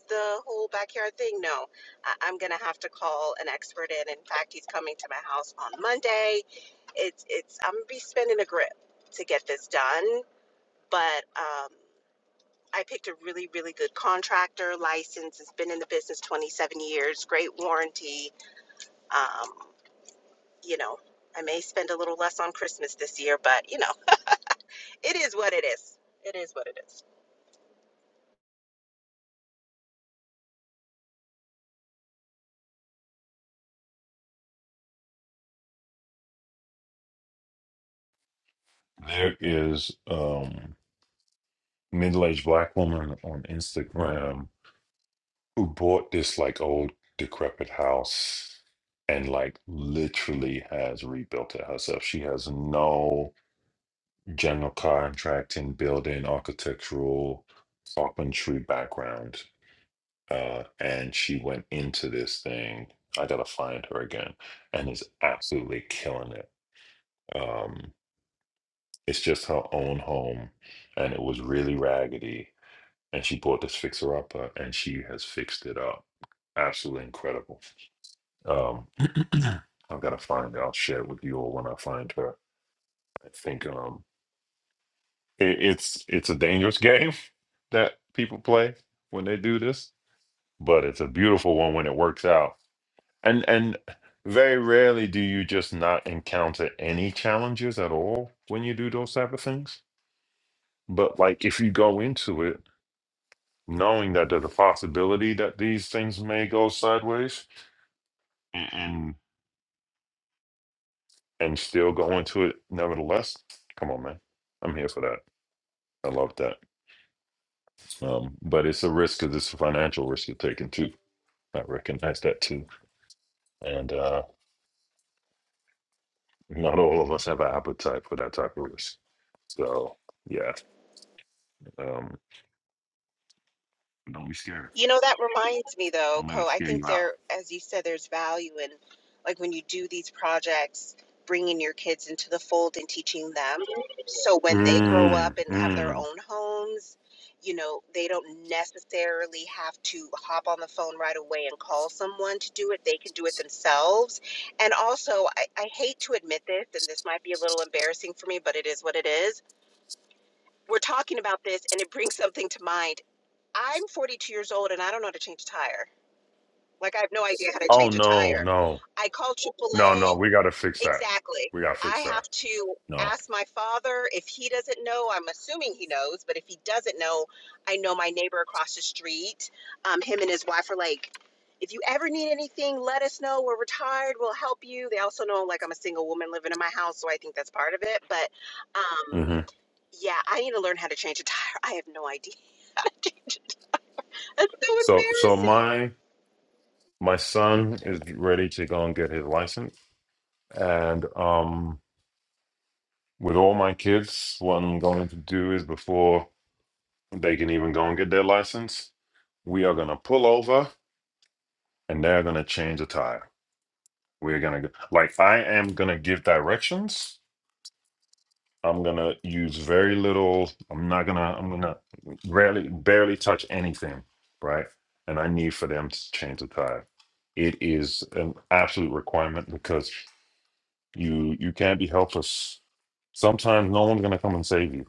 C: the whole backyard thing. No, I- I'm gonna have to call an expert in. In fact, he's coming to my house on Monday. It's it's I'm gonna be spending a grip to get this done, but um, I picked a really really good contractor, licensed, has been in the business 27 years, great warranty. Um, you know, I may spend a little less on Christmas this year, but you know. It is what it is. It is what it is.
A: There is um middle-aged black woman on Instagram who bought this like old decrepit house and like literally has rebuilt it herself. She has no general contracting, building, architectural, carpentry background. uh, and she went into this thing. I gotta find her again, and is absolutely killing it. Um, it's just her own home, and it was really raggedy. And she bought this fixer upper, and she has fixed it up. Absolutely incredible. Um, I've gotta find her. I'll share it with you all when I find her. I think um, it, it's it's a dangerous game that people play when they do this, but it's a beautiful one when it works out And and very rarely do you just not encounter any challenges at all when you do those type of things. But like if you go into it knowing that there's a possibility that these things may go sideways and and, and still go into it nevertheless, come on, man. I'm here for that. I love that. Um, but it's a risk because it's a financial risk you're taking too. I recognize that too. And uh, not all of us have an appetite for that type of risk. So yeah. Um, Don't be scared.
C: You know, that reminds me though,
A: Don't let it
C: Co, I
A: scare you
C: think
A: out.
C: there, as you said, there's value in like when you do these projects, bringing your kids into the fold and teaching them. So when they grow up
A: Mm,
C: and have their
A: mm.
C: own homes, you know, they don't necessarily have to hop on the phone right away and call someone to do it. They can do it themselves. And also, I, I hate to admit this, and this might be a little embarrassing for me, but it is what it is we're talking about this and it brings something to mind I'm 42 years old and I don't know how to change a tire. Like I have no idea how to
A: Oh
C: change a
A: no,
C: tire.
A: no,
C: I call
A: no,
C: A.
A: no. We gotta fix that.
C: Exactly.
A: We gotta
C: I
A: fix that.
C: have to
A: No.
C: ask my father if he doesn't know. I'm assuming he knows, but if he doesn't know, I know my neighbor across the street. Um, him and his wife are like, if you ever need anything, let us know. We're retired. We'll help you. They also know like I'm a single woman living in my house, so I think that's part of it. But um,
A: hmm
C: yeah, I need to learn how to change a tire. I have no idea. That's so
A: So, so
C: embarrassing.
A: my my son is ready to go and get his license, and um, with all my kids, what I'm going to do is before they can even go and get their license, we are gonna pull over and they're gonna change a tire. We're gonna go like I am gonna give directions I'm gonna use very little. I'm not gonna. I'm gonna rarely, barely touch anything, right? And I need for them to change the tire. It is an absolute requirement because you you can't be helpless. Sometimes no one's gonna come and save you.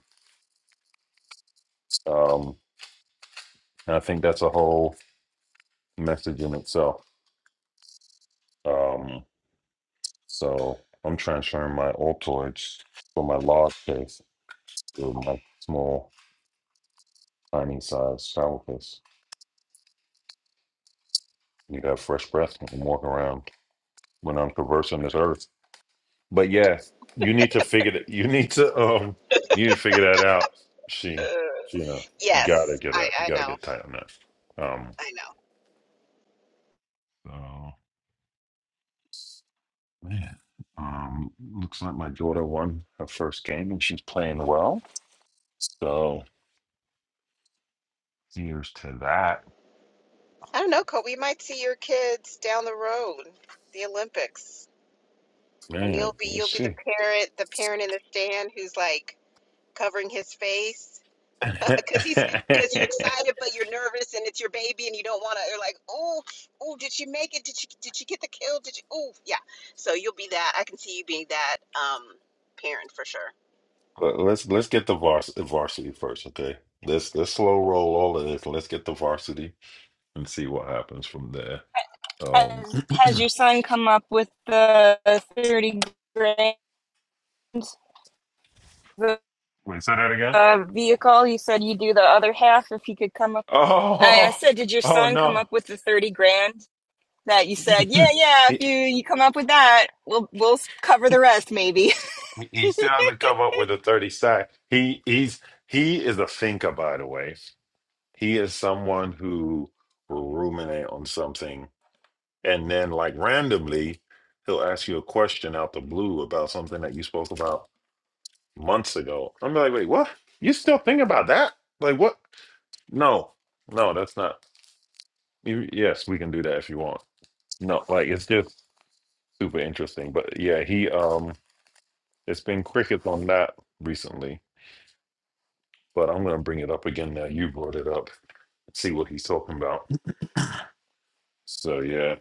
A: Um, and I think that's a whole message in itself. Um, so I'm transferring my Altoids from my large case to my small, tiny size shower case. You have fresh breath and walk around when I'm traversing this earth. But yeah, you need to figure that you need to um you need to figure that out. She
C: Ugh.
A: you know, you gotta
C: Yes,
A: get
C: I,
A: that you
C: I
A: gotta
C: know.
A: get tight on that. Um
C: I know.
A: so man. Um looks like my daughter won her first game and she's playing well. So here's to that.
C: I don't know, Kobe. You might see your kids down the road, the Olympics, and
A: Man,
C: you'll be
A: let's
C: you'll be the
A: see.
C: parent, the parent in the stand who's like covering his face because he's because you're excited but you're nervous and it's your baby and you don't want to. You're like, oh, oh, did she make it? Did she did she get the kill? Did you? Oh, yeah. So you'll be that. I can see you being that um parent for sure.
A: But let's let's get the vars- varsity first, okay? Let's let's slow roll all of this. Let's get the varsity and see what happens from there. Um,
B: Has has your son come up with the thirty grand? the
A: Wait, say that again.
B: uh, vehicle. You said you do the other half if he could come up. I, I
A: Oh,
B: said, did your
A: oh
B: son come
A: no.
B: up with the thirty grand that you said? Yeah, yeah. If you
A: He
B: you come up with that, we'll we'll cover the rest, maybe.
A: he still hasn't come up with a 30 sack. He he's he is a thinker, by the way. He is someone who will ruminate on something and then like randomly he'll ask you a question out the blue about something that you spoke about months ago. I'm like, wait, what? You still think about that? Like what? No, no, that's not. you- Yes, we can do that if you want. No, like it's just super interesting. But yeah, he um. It's been crickets on that recently, but I'm gonna bring it up again now. You brought it up. See what he's talking about. So yeah,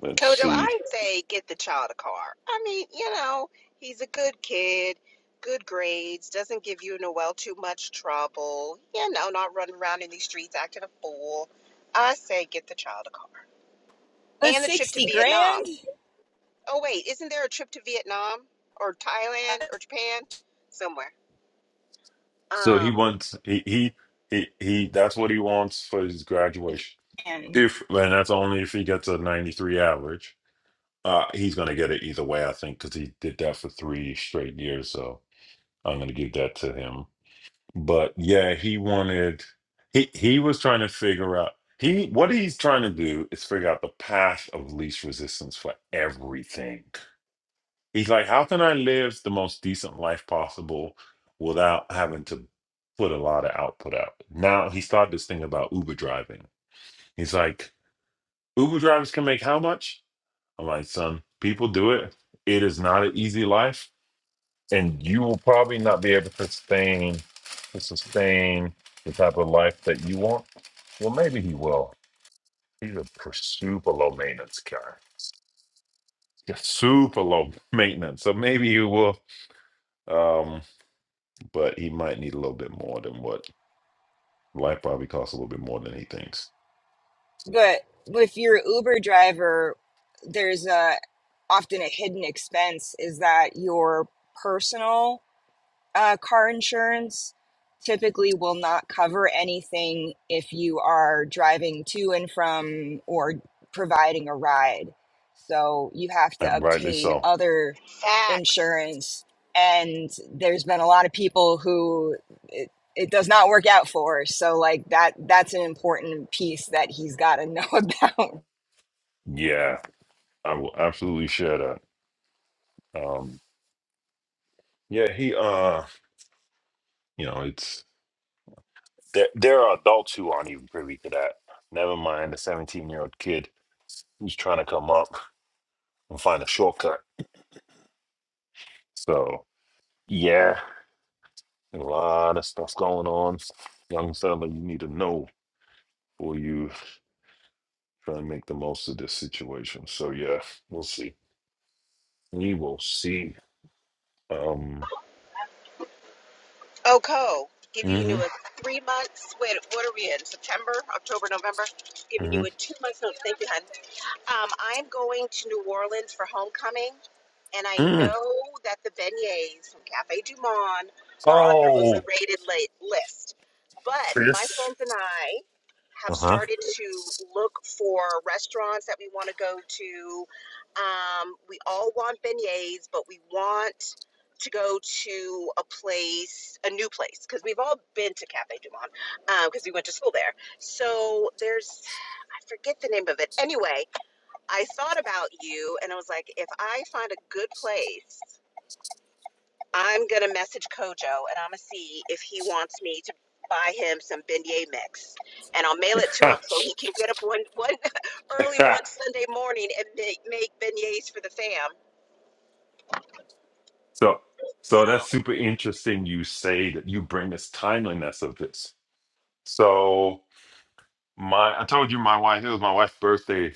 A: let's
C: Kojo,
A: see.
C: I say get the child a car. I mean, you know, he's a good kid, good grades, doesn't give you Noel too much trouble, you know, not running around in these streets acting a fool. I say get the child a car.
B: the
C: And the trip to
B: sixty
C: Vietnam.
B: grand,
C: Oh wait, isn't there a trip to Vietnam or Thailand or Japan? Somewhere.
A: So he
C: Um
A: wants he he he, he that's what he wants for his graduation.
B: and
A: If and that's only if he gets a 93 average. Uh, he's gonna get it either way, I think, because he did that for three straight years. So I'm gonna give that to him. But yeah, he wanted he he was trying to figure out he what he's trying to do is figure out the path of least resistance for everything. He's like, how can I live the most decent life possible without having to put a lot of output out? Now he started this thing about Uber driving. He's like, Uber drivers can make how much? I'm like, son, people do it. It is not an easy life and you will probably not be able to sustain to sustain the type of life that you want. Well, maybe he will. He's a pr- super low maintenance guy. He's got super low maintenance, so maybe he will. Um, but he might need a little bit more than what life probably costs a little bit more than he thinks,
B: but with your Uber driver, there's a often a hidden expense is that your personal. uh, car insurance typically will not cover anything if you are driving to and from or providing a ride. So you have to
A: and rightly
B: obtain
A: so.
B: other
C: facts.
B: insurance. And there's been a lot of people who it, it does not work out for. So like that that's an important piece that he's got to know about.
A: Yeah, I will absolutely share that. Um, yeah, he. Uh, you know, it's there. There are adults who aren't even privy to that. Never mind a seventeen-year-old kid who's trying to come up and find a shortcut. So yeah, a lot of stuff going on. Young fella, you need to know before you try and make the most of this situation. So yeah, we'll see. We will see. Um
C: Oko, give you a
A: hmm
C: new three months. Wait, what are we in? September, October, November? Giving
A: hmm
C: you a two months notice. Thank you, honey. Um, I'm going to New Orleans for homecoming, and I
A: mm.
C: know that the beignets from Cafe Du Monde are on your
A: Oh
C: overrated la- list. But my
A: Chris.
C: friends and I have
A: Uh-huh.
C: started to look for restaurants that we want to go to. Um, we all want beignets, but we want to go to a place, a new place, because we've all been to Cafe Du Monde because we went to school there. So there's I forget the name of it. Anyway, I thought about you and I was like, if I find a good place, I'm gonna message Kojo and I'm gonna see if he wants me to buy him some beignet mix and I'll mail it to him so he can get up one one early one Sunday morning and make, make beignets for the fam.
A: so so
C: So
A: that's super interesting you say that you bring this timeliness of this. So my I told you my wife, it was my wife's birthday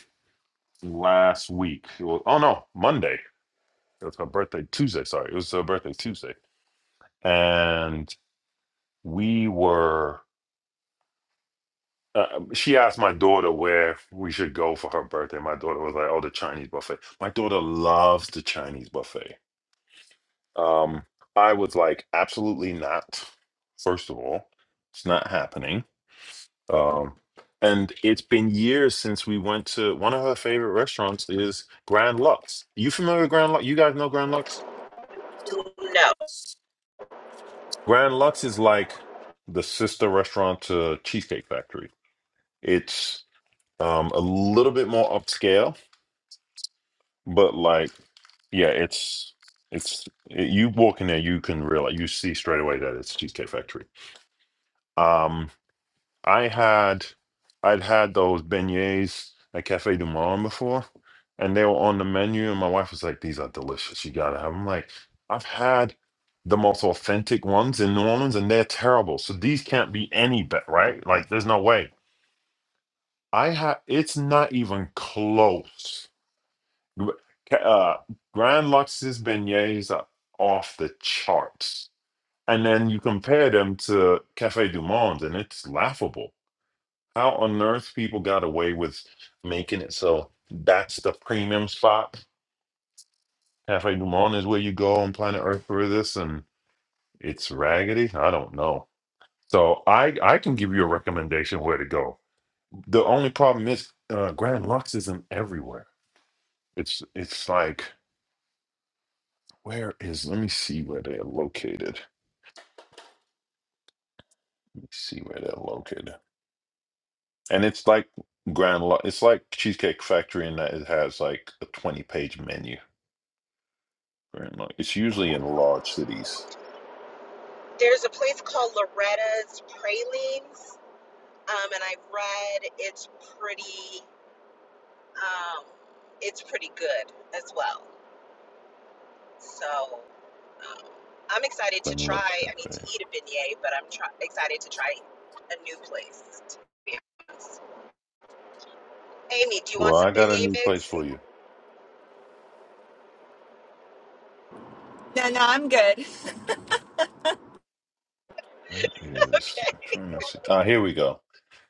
A: last week. It was- oh no, Monday. It was my birthday Tuesday. Sorry, it was her birthday Tuesday, and we were. Uh, she asked my daughter where we should go for her birthday. My daughter was like, "Oh, the Chinese buffet." My daughter loves the Chinese buffet. Um, I was like, "Absolutely not." First of all, it's not happening. Um, and it's been years since we went to one of her favorite restaurants is Grand Lux. You familiar with Grand Lux? You guys know Grand Lux?
C: no,
A: Grand Lux is like the sister restaurant to Cheesecake Factory. It's um a little bit more upscale, but like yeah, it's it's you walk in there, you can realize you see straight away that it's Cheesecake Factory. Um I had I'd had those beignets at Cafe du Monde before, and they were on the menu, and my wife was like, "These are delicious. You gotta have." 'em." I'm like, "I've had the most authentic ones in New Orleans, and they're terrible. So these can't be any better, right? Like, there's no way. I had. It's not even close. Gr- ca- Uh, Grand Lux's beignets are off the charts, and then you compare them to Cafe du Monde, and it's laughable how on earth people got away with making it so that's the premium spot? Cafe Du Monde is where you go on planet Earth for this, and it's raggedy. I don't know. So I I can give you a recommendation where to go. The only problem is uh, Grand Lux isn't everywhere. It's it's like where is? Let me see where they're located. Let me see where they're located. And it's like Grand Lux. It's like Cheesecake Factory in that it has like a twenty page menu Grand Lodge. It's usually in large cities.
C: there's a place called Loretta's Pralines, um, and I've read it's pretty um, it's pretty good as well. So um, I'm excited to
A: Grand Lux
C: try. I mean, to
A: Cafe.
C: eat a beignet, but I'm try- excited to try a new place. To be honest. Amy, do you
A: Well,
C: want some
A: I got a
C: beignet
A: new place
C: mix?
A: for you.
B: No, no, I'm good.
A: Where is? I'm trying to see. Ah, here we go.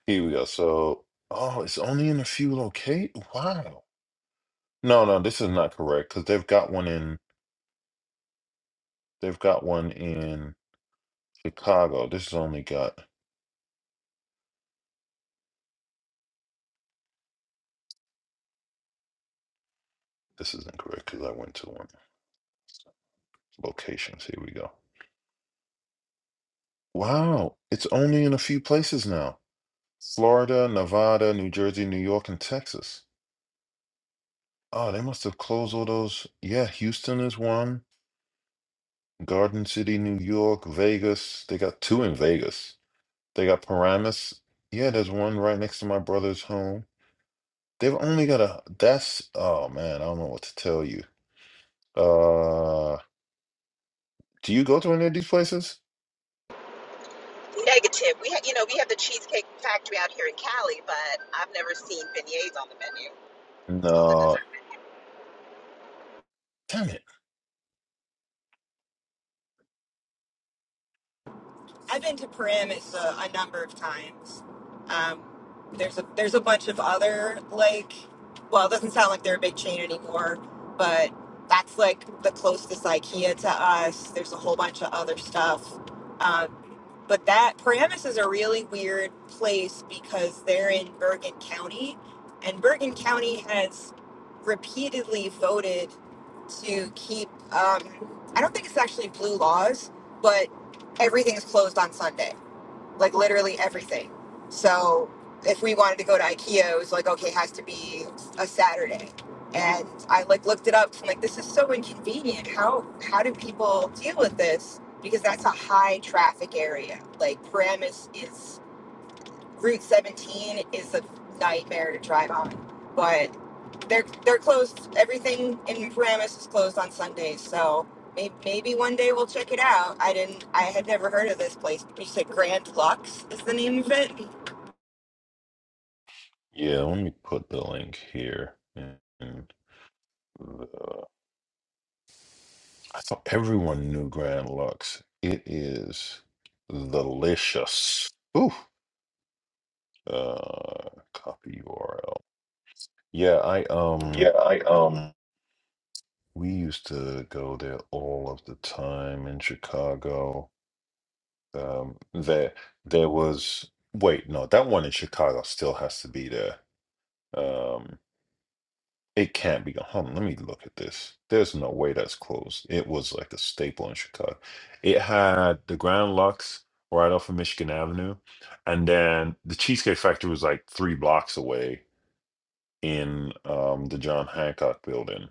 A: Here we go. So, oh, it's only in a few locate. Wow. No, no, this is not correct because they've got one in. They've got one in Chicago. This is only got. This is incorrect because I went to one. Locations. Here we go. Wow, it's only in a few places now. Florida, Nevada, New Jersey, New York, and Texas. Oh, they must have closed all those. Yeah, Houston is one. Garden City, New York, Vegas. They got two in Vegas. They got Paramus. Yeah, there's one right next to my brother's home. They've only got a. That's. Oh, man. I don't know what to tell you. Uh, do you go to any of these places?
C: Negative. We, ha- you know, we have the Cheesecake Factory out here in Cali, but I've never seen beignets on the menu on the
A: No.
C: dessert.
A: Damn it.
B: I've been to Paramus a, a number of times. Um, there's a there's a bunch of other like, well, it doesn't sound like they're a big chain anymore, but that's like the closest IKEA to us. There's a whole bunch of other stuff, um, but that Paramus is a really weird place because they're in Bergen County, and Bergen County has repeatedly voted to keep. Um, I don't think it's actually blue laws, but everything's closed on Sunday, like literally everything. So if we wanted to go to IKEA, it was like, okay, it has to be a Saturday. And I like looked it up. i am like, this is so inconvenient. How how do people deal with this? Because that's a high traffic area. Like Paramus is Route 17 is a nightmare to drive on. but they're they're closed. Everything in Paramus is closed on Sundays, so may, maybe one day we'll check it out. I didn't. I had never heard of this place. You said Grand Lux is the name of it.
A: Yeah, let me put the link here in I thought everyone knew Grand Lux. It is delicious. Ooh. Uh, copy URL. Yeah, I
B: Yeah,
A: um
B: I um
A: we used to go there all of the time in Chicago. Um there there was wait, no, that one in Chicago still has to be there. Um, It can't be. Hold on, let me look at this. There's no way that's closed. It was like a staple in Chicago. It had the Grand Lux right off of Michigan Avenue, and then the Cheesecake Factory was like three blocks away in um, the John Hancock Building.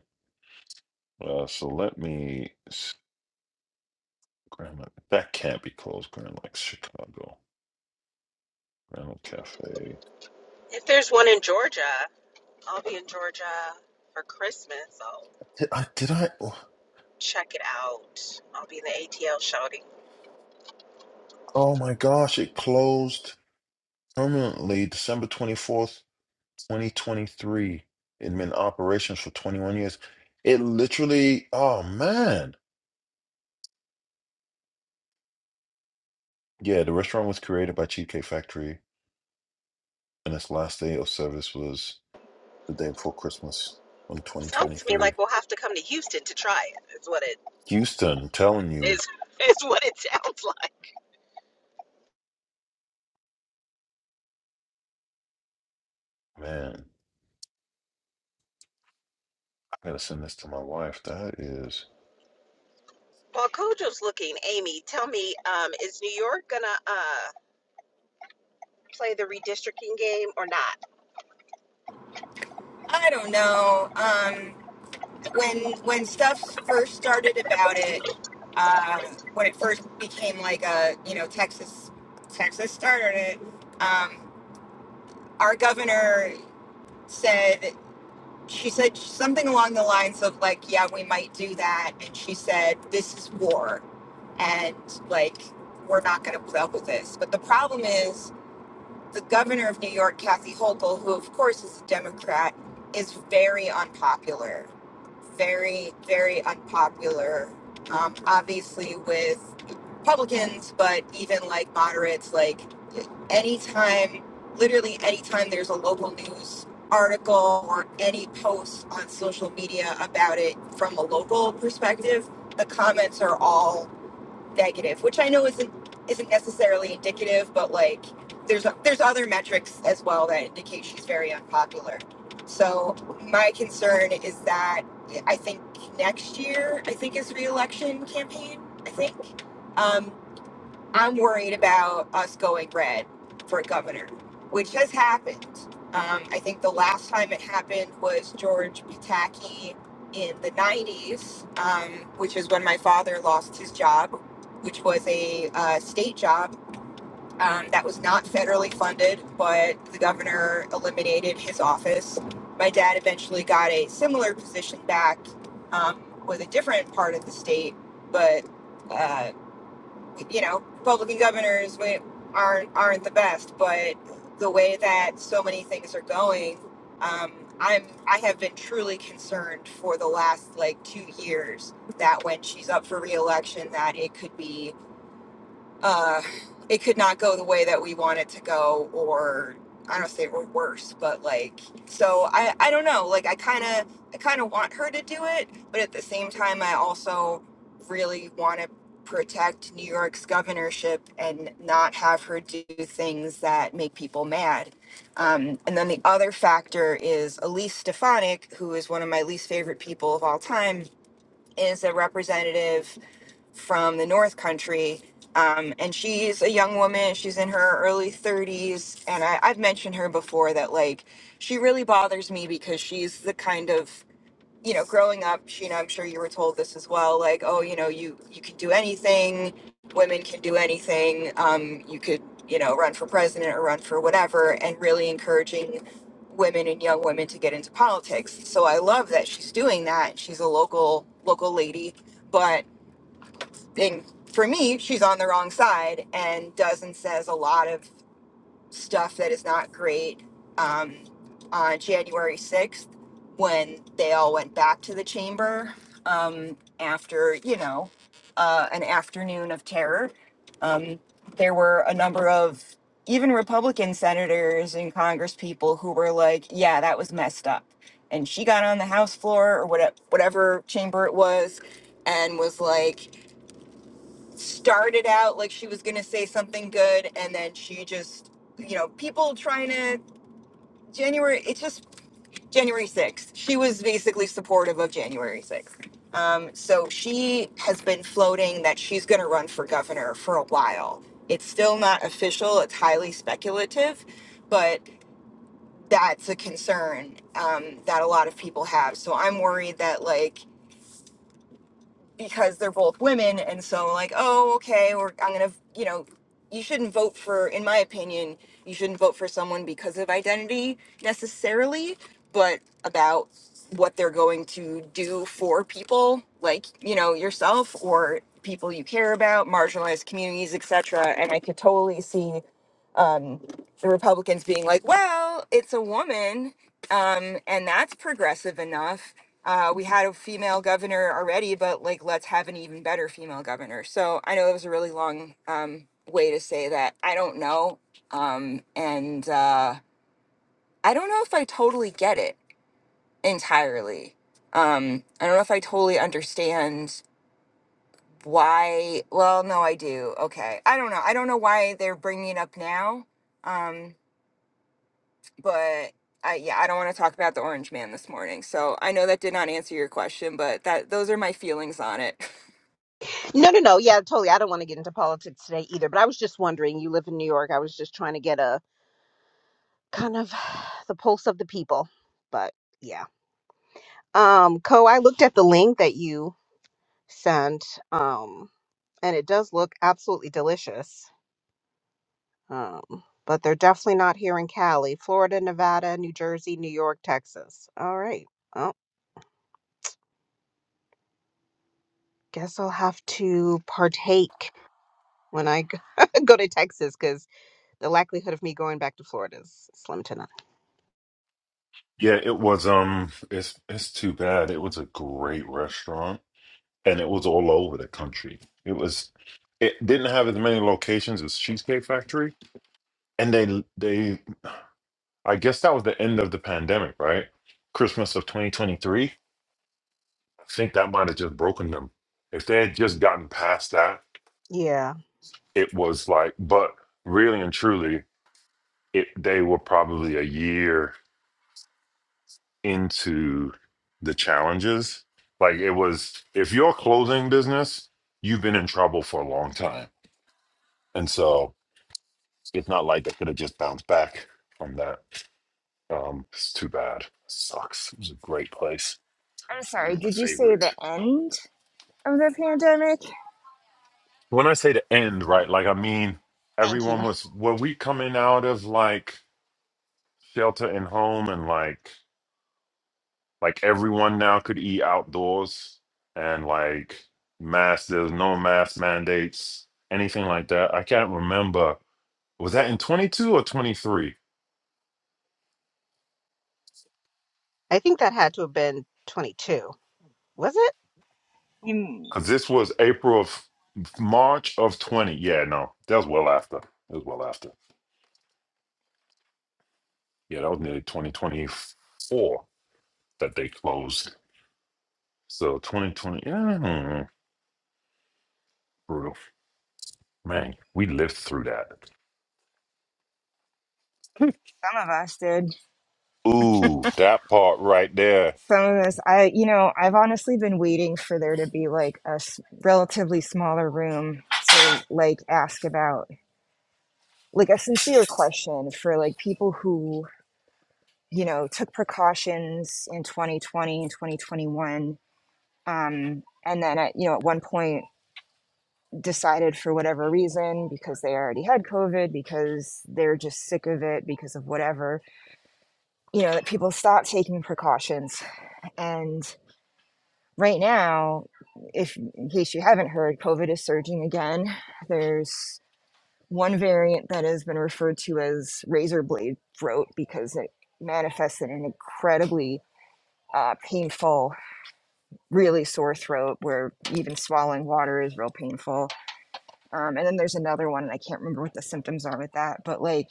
A: Uh, so let me s- Grand Lux. That can't be closed. Grand Lux, Chicago. Grand Lux Cafe.
C: If there's one in Georgia, I'll be in Georgia for Christmas. I'll
A: Did I? Did I?
C: check it out. I'll be in the ATL shouting.
A: Oh my gosh! It closed permanently December twenty fourth. 2023. It had been in operations for 21 years. It literally, oh man. Yeah, the restaurant was created by Cheesecake Factory, and its last day of service was the day before Christmas on
C: Sounds to me
A: 2023.
C: like we'll have to come to Houston to try it. Is what it
A: Houston, I'm telling
C: is.
A: you,
C: Is what it sounds like.
A: man, I gotta send this to my wife. That is.
C: While Kojo's looking, Amy, tell me, um, is New York gonna uh, play the redistricting game or not?
B: I don't know. Um, when when stuff first started about it, uh, when it first became like a you know Texas Texas started it. Um, our governor said. she said something along the lines of like yeah we might do that and she said this is war and like we're not going to put up with this but the problem is the governor of new york kathy hochul who of course is a democrat is very unpopular very, very unpopular, um, obviously with Republicans, but even like moderates, like anytime, literally anytime there's a local news article or any post on social media about it from a local perspective, the comments are all negative, which I know isn't isn't necessarily indicative, but like there's there's other metrics as well that indicate she's very unpopular. So my concern is that I think next year I think is re-election campaign. I think. Um, I'm worried about us going red for governor, which has happened. Um, I think the last time it happened was George Pataki in the 90s, um, which is when my father lost his job, which was a uh, state job um, that was not federally funded, but the governor eliminated his office. My dad eventually got a similar position back um, with a different part of the state, but uh, you know, Republican governors we- aren't aren't the best, but the way that so many things are going, um, I'm I have been truly concerned for the last like two years that when she's up for reelection, that it could be uh, it could not go the way that we want it to go, or I don't say or worse, but like so I I don't know. Like I kind of I kind of want her to do it, but at the same time I also really want to protect New York's governorship and not have her do things that make people mad. Um, and then the other factor is Elise Stefanik, who is one of my least favorite people of all time, is a representative from the North Country. Um, and she's a young woman. She's in her early 30s. And I, I've mentioned her before that, like, she really bothers me because she's the kind of, you know, growing up, she, you know, I'm sure you were told this as well, like, oh, you know, you, you can do anything. Women can do anything. Um, you could, you know, run for president or run for whatever, and really encouraging women and young women to get into politics. So I love that she's doing that. She's a local, local lady but and for me, she's on the wrong side and does and says a lot of stuff that is not great um, on January 6th when they all went back to the chamber um, after, you know, uh, an afternoon of terror. Um, there were a number of even Republican senators and Congress people who were like, yeah, that was messed up. And she got on the House floor or whatever, whatever chamber it was and was like, started out like she was going to say something good and then she just you know people trying to january it's just january 6th she was basically supportive of january 6th um, so she has been floating that she's going to run for governor for a while it's still not official it's highly speculative but that's a concern um, that a lot of people have so i'm worried that like because they're both women and so like oh okay or i'm gonna you know you shouldn't vote for in my opinion you shouldn't vote for someone because of identity necessarily but about what they're going to do for people like you know yourself or people you care about marginalized communities etc and i could totally see um, the republicans being like well it's a woman um, and that's progressive enough. Uh, we had a female governor already, but like let's have an even better female governor. So I know it was a really long um, way to say that. I don't know, um, and uh, I don't know if I totally get it entirely. Um, I don't know if I totally understand why. Well, no, I do. Okay, I don't know. I don't know why they're bringing it up now. Um, but I yeah, I don't want to talk about the orange man this morning. So I know that did not answer your question, but that those are my feelings on it.
C: No, no, no. Yeah, totally. I don't want to get into politics today either, but I was just wondering, you live in New York. I was just trying to get a kind of the pulse of the people. But yeah. Um, Co, I looked at the link that you sent, um, and it does look absolutely delicious. Um, but they're definitely not here in Cali, Florida, Nevada, New Jersey, New York, Texas. All right. Well, Guess I'll have to partake when I go go to Texas because the likelihood of me going back to Florida is slim to none.
A: Yeah, it was um it's it's too bad. It was a great restaurant and it was all over the country. It was it didn't have as many locations as Cheesecake Factory, and they they I guess that was the end of the pandemic, right? Christmas of 2023. I think that might have just broken them. If they had just gotten past that,
C: Yeah,
A: it was like, but really and truly, it, they were probably a year into the challenges. Like it was, if you're a clothing business, you've been in trouble for a long time. And so it's not like they could have just bounced back from that. Um, it's too bad. Sucks. It was a great place.
B: I'm
A: One
B: sorry,
A: of my
B: did you say
A: favorites.
B: the end of the pandemic?
A: when I say the end, right, like I mean
B: Thank you.
A: everyone was were we coming out of like shelter and home and like like everyone now could eat outdoors and like mask there's no mask mandates, anything like that. I can't remember. Was that in twenty two or twenty three?
C: I think that had to have been 22. Was it?
B: you.
A: Because this was April of March of twenty. Yeah, no, that was well after. It was well after. Yeah, that was nearly twenty twenty four that they closed. So twenty twenty, yeah, brutal. Man, we lived through that.
B: Some of us did.
A: Ooh, that part right there.
B: Some of us, I, you know, I've honestly been waiting for there to be like a s- relatively smaller room to like ask about, like a sincere question for like people who, you know, took precautions in 2020 and 2021 um, and then at you know at one point decided for whatever reason because they already had covid because they're just sick of it because of whatever you know that people stop taking precautions and right now if in case you haven't heard covid is surging again there's one variant that has been referred to as razor blade throat because it manifests in an incredibly uh, painful really sore throat where even swallowing water is real painful Um, and then there's another one, and I can't remember what the symptoms are with that, but like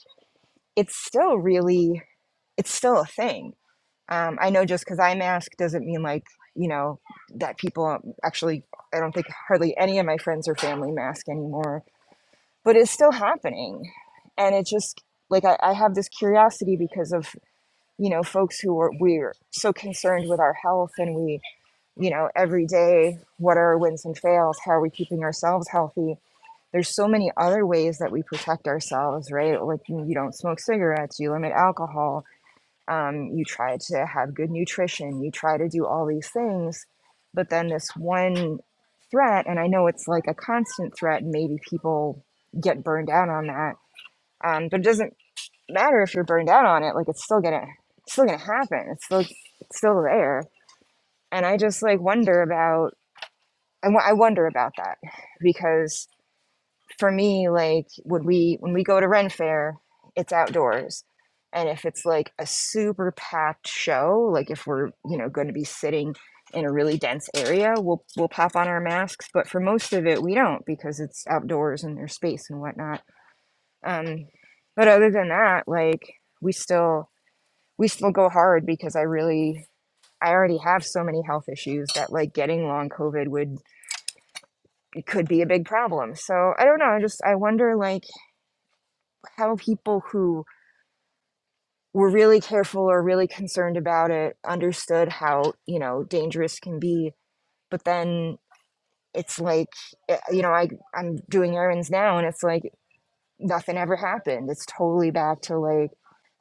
B: it's still really, it's still a thing. Um, I know just because I mask doesn't mean like, you know, that people actually, I don't think hardly any of my friends or family mask anymore, but it's still happening. And it's just, like, I, I have this curiosity because of, you know, folks who are, we're so concerned with our health and we, you know, every day, what are our wins and fails? How are we keeping ourselves healthy? there's so many other ways that we protect ourselves, right? Like you don't smoke cigarettes, you limit alcohol, um, you try to have good nutrition, you try to do all these things. But then this one threat, and I know it's like a constant threat, and maybe people get burned out on that. Um, but it doesn't matter if you're burned out on it; like it's still gonna, it's still gonna happen. It's still, it's still there. And I just like wonder about, I w- I wonder about that because for me, like would we when we go to Ren Fair, it's outdoors. And if it's like a super packed show, like if we're, you know, going to be sitting in a really dense area, we'll we'll pop on our masks. But for most of it we don't because it's outdoors and there's space and whatnot. Um but other than that, like we still we still go hard because I really I already have so many health issues that like getting long COVID would it could be a big problem. So I don't know. I just I wonder like how people who were really careful or really concerned about it understood how you know dangerous can be but then it's like eh, you know i i'm doing errands now and it's like nothing ever happened it's totally back to like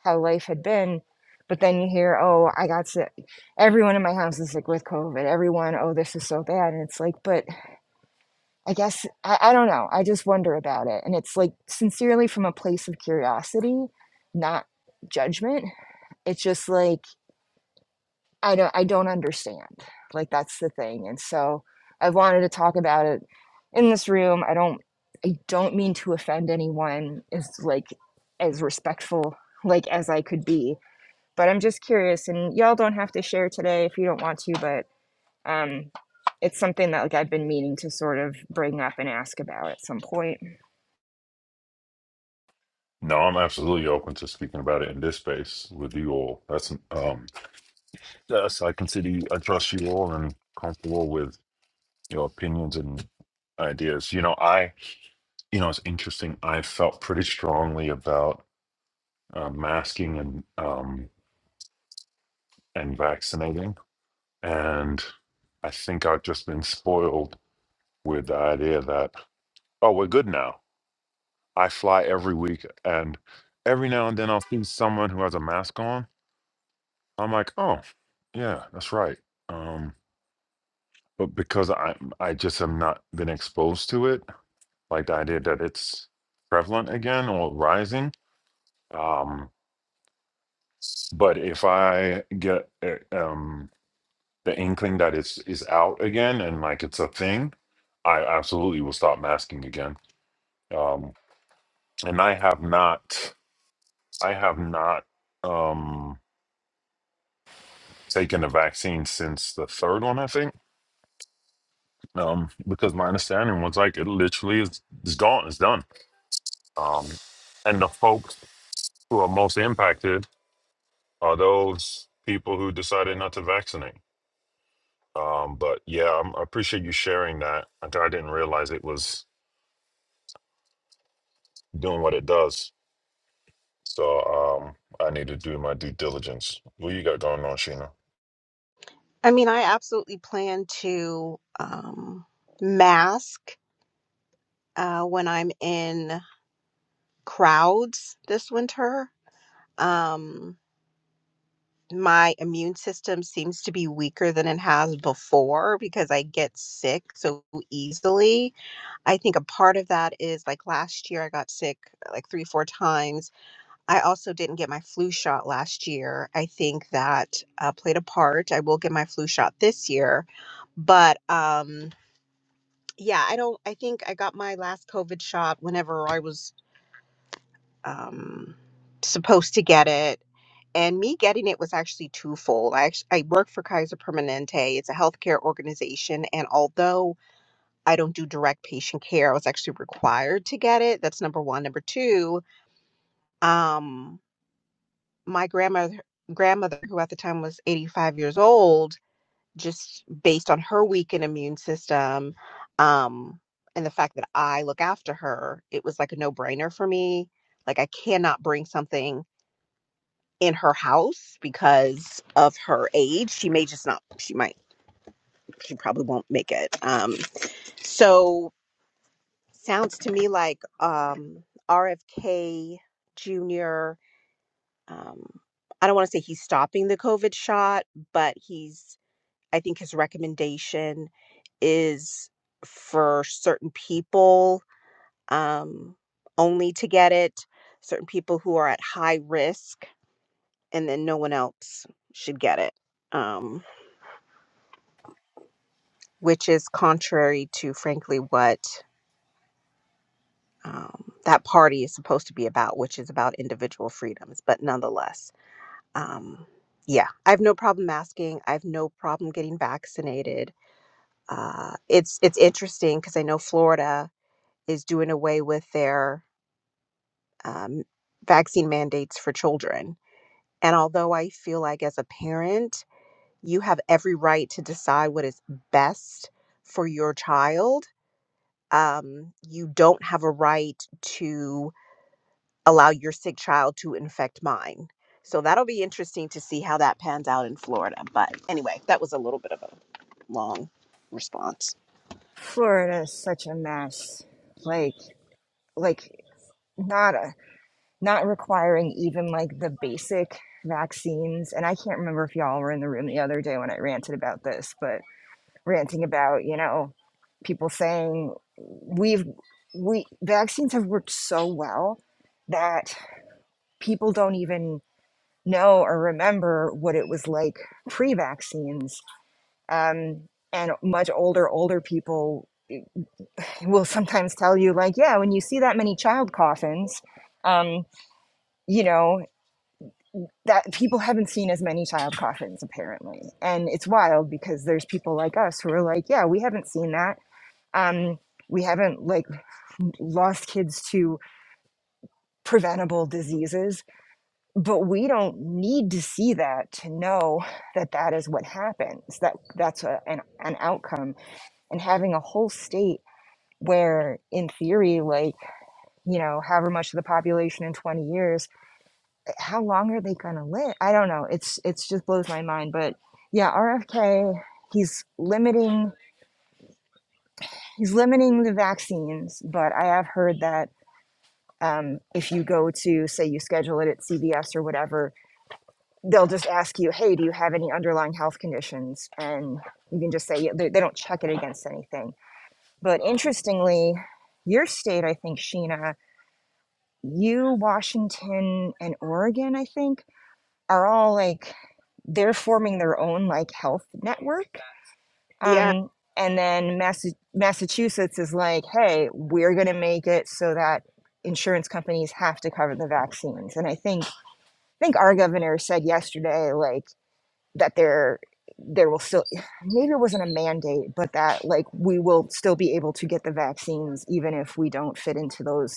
B: how life had been but then you hear oh i got sick everyone in my house is sick with covid everyone oh this is so bad and it's like but i guess i, I don't know i just wonder about it and it's like sincerely from a place of curiosity not judgment it's just like I don't I don't understand. Like that's the thing. And so I wanted to talk about it in this room. I don't I don't mean to offend anyone is like as respectful like as I could be. But I'm just curious and y'all don't have to share today if you don't want to, but um it's something that like I've been meaning to sort of bring up and ask about at some point.
A: No, I'm absolutely open to speaking about it in this space with you all. That's um, yes, I consider you, I trust you all and comfortable with your opinions and ideas. You know, I, you know, it's interesting. I felt pretty strongly about uh, masking and um and vaccinating, and I think I've just been spoiled with the idea that oh, we're good now. I fly every week, and every now and then I'll see someone who has a mask on. I'm like, oh, yeah, that's right. Um, but because I I just have not been exposed to it, like the idea that it's prevalent again or rising. Um, but if I get uh, um, the inkling that it's is out again and like it's a thing, I absolutely will stop masking again. Um, and I have not, I have not. Um, taken the vaccine since the third one, I think. Um, because my understanding was like it literally is it's gone, it's done. Um, and the folks who are most impacted are those people who decided not to vaccinate. Um, but yeah, i I appreciate you sharing that. I, I didn't realize it was doing what it does. So um, I need to do my due diligence. What you got going on, Sheena?
C: I mean, I absolutely plan to um, mask uh, when I'm in crowds this winter. Um, my immune system seems to be weaker than it has before because I get sick so easily. I think a part of that is like last year I got sick uh, like three, four times. I also didn't get my flu shot last year. I think that uh, played a part. I will get my flu shot this year, but um, yeah, I don't. I think I got my last COVID shot whenever I was um, supposed to get it. And me getting it was actually twofold. I actually, I work for Kaiser Permanente. It's a healthcare organization, and although I don't do direct patient care, I was actually required to get it. That's number one. Number two, um, my grandmother grandmother, who at the time was 85 years old, just based on her weakened immune system, um, and the fact that I look after her, it was like a no brainer for me. Like I cannot bring something in her house because of her age. She may just not, she might, she probably won't make it. Um, so sounds to me like um, RFK Jr., um, I don't want to say he's stopping the COVID shot, but he's, I think his recommendation is for certain people um, only to get it, certain people who are at high risk, and then no one else should get it. Um, which is contrary to, frankly, what um, that party is supposed to be about, which is about individual freedoms. But nonetheless, um, yeah, I have no problem masking. I have no problem getting vaccinated. Uh, it's it's interesting because I know Florida is doing away with their um, vaccine mandates for children. And although I feel like as a parent, you have every right to decide what is best for your child um, you don't have a right to allow your sick child to infect mine. So that'll be interesting to see how that pans out in Florida. But anyway, that was a little bit of a long response.
B: Florida is such a mess. Like like not a. not requiring even like the basic vaccines. And I can't remember if y'all were in the room the other day when I ranted about this, but ranting about, you know, people saying we've, we, vaccines have worked so well that people don't even know or remember what it was like pre vaccines. Um, and much older, older people will sometimes tell you, like, yeah, when you see that many child coffins, um, you know, that people haven't seen as many child coffins apparently and it's wild because there's people like us who are like yeah we haven't seen that um we haven't like lost kids to preventable diseases but we don't need to see that to know that that is what happens that that's a, an, an outcome and having a whole state where in theory like you know however much of the population in 20 years how long are they gonna live? I don't know. It's it's just blows my mind. But yeah, RFK, he's limiting he's limiting the vaccines. But I have heard that um, if you go to say you schedule it at CVS or whatever, they'll just ask you, hey, do you have any underlying health conditions? And you can just say yeah, they, they don't check it against anything. But interestingly, your state, I think, Sheena, you, Washington, and Oregon, I think, are all like they're forming their own like health network.
C: Yeah,
B: Um, and then Massa- Massachusetts is like, hey, we're going to make it so that insurance companies have to cover the vaccines. And I think I think our governor said yesterday like that there there will still maybe it wasn't a mandate, but that like we will still be able to get the vaccines even if we don't fit into those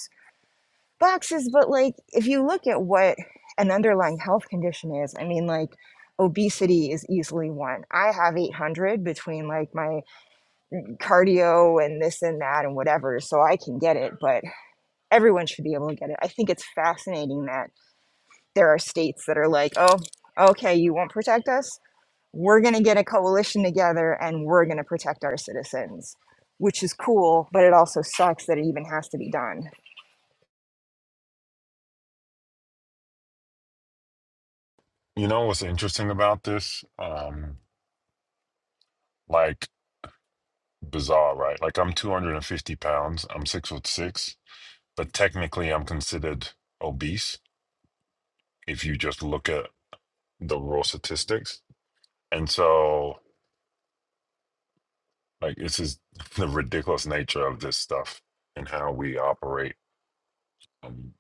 B: boxes, but like if you look at what an underlying health condition is, I mean, like obesity is easily one. I have 800 between like my cardio and this and that and whatever, so I can get it, but everyone should be able to get it. I think it's fascinating that there are states that are like, oh, okay, you won't protect us. We're going to get a coalition together and we're going to protect our citizens, which is cool, but it also sucks that it even has to be done.
A: You know what's interesting about this? Um, like bizarre, right? Like I'm 250 pounds, I'm six foot six, but technically I'm considered obese if you just look at the raw statistics. And so, like, this is the ridiculous nature of this stuff and how we operate um,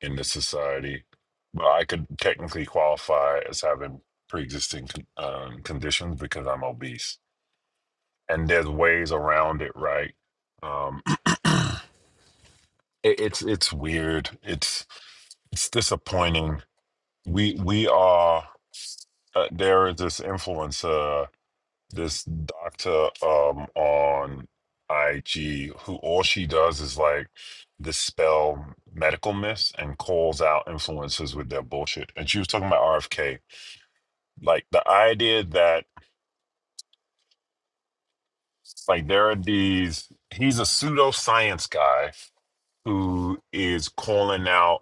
A: in this society. But I could technically qualify as having pre existing con- um, conditions because I'm obese. And there's ways around it, right? Um, it, it's it's weird. It's it's disappointing we we are uh, there is this influencer this doctor um on IG who all she does is like dispel medical myths and calls out influencers with their bullshit and she was talking about RFK like the idea that like there are these he's a pseudoscience guy who is calling out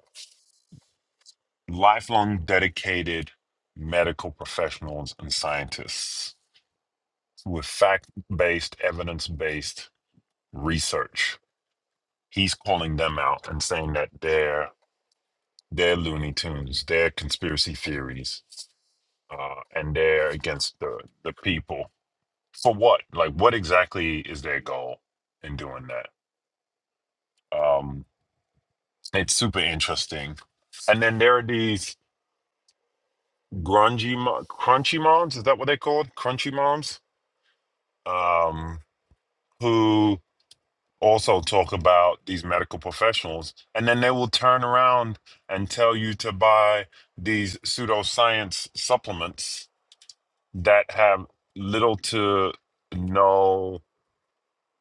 A: lifelong dedicated medical professionals and scientists with fact based, evidence based research. He's calling them out and saying that they're they're Looney Tunes, they're conspiracy theories, uh, and they're against the the people. For what? Like, what exactly is their goal in doing that? Um, it's super interesting. And then there are these grungy, mo- crunchy moms. Is that what they're called? Crunchy moms, um, who also talk about these medical professionals and then they will turn around and tell you to buy these pseudoscience supplements that have little to no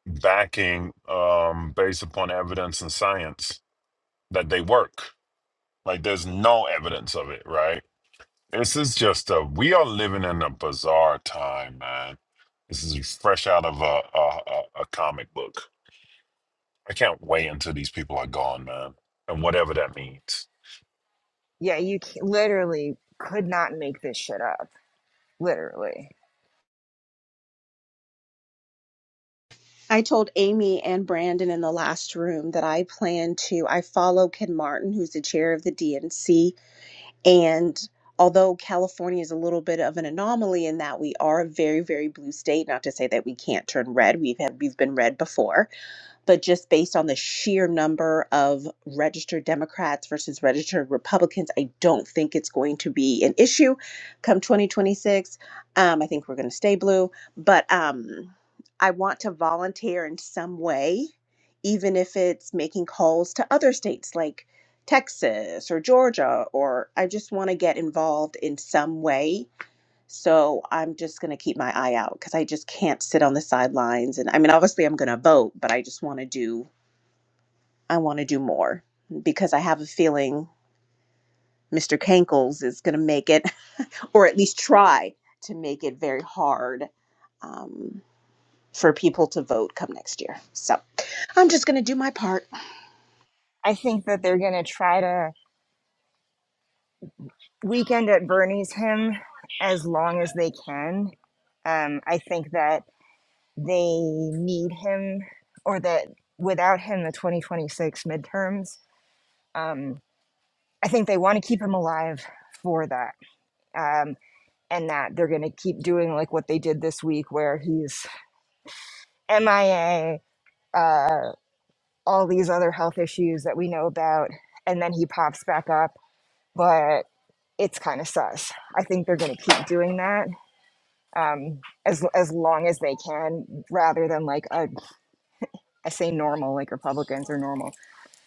A: backing um, based upon evidence and science that they work like there's no evidence of it right this is just a we are living in a bizarre time man this is fresh out of a, a, a a comic book I can't wait until these people are gone, man. And whatever that means.
B: Yeah, you c- literally could not this shit up. Literally.
C: I told Amy and Brandon in the last room that I plan to. I follow Ken Martin, who's the chair of the DNC, And although California is a little bit of an anomaly in that we are a very, very blue state, not to say that we can't turn red, we've had, we've been red before, but just based on the sheer number of registered Democrats versus registered Republicans, I don't think it's going to be an issue come 2026. Um, I think we're going to stay blue, but um, I want to volunteer in some way, even if it's making calls to other states like Texas or Georgia, or I just want to get involved in some way so I'm just going to keep my eye out because I just can't sit on the sidelines. And I mean, obviously, I'm going to vote, but I just want to do I want to do more because I have a feeling Mr. Kankles is going to make it, or at least try to make it very hard um, for people to vote come next year. So I'm just going to do my part.
B: I think that they're going to try to weekend at Bernie's him as long as they can. Um, I think that they need him, or that without him, the 2026 midterms, um, I think they want to keep him alive for that. Um, and that they're going to keep doing like what they did this week, where he's MIA, uh, all these other health issues that we know about, and then he pops back up. but. it's kind of sus. I think they're going to keep doing that um, as as long as they can, rather than like a, I say normal, like Republicans are normal,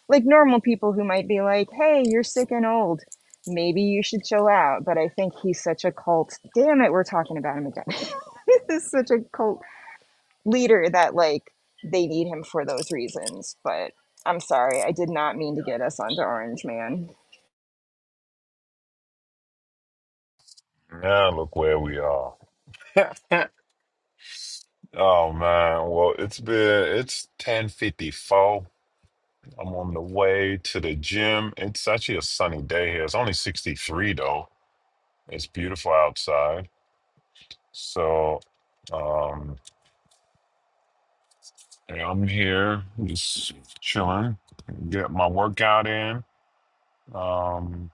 B: like normal people who might be like, "Hey, you're sick and old. Maybe you should chill out." But I think he's such a cult. Damn it, we're talking about him again. this is such a cult leader that like they need him for those reasons. But I'm sorry.
A: Now look where we are. oh man. Well it's been it's ten fifty four. I'm on the way to the gym. It's actually a sunny day here. It's only sixty three though. It's beautiful outside. So um yeah, I'm here just chilling. Get my workout in. Um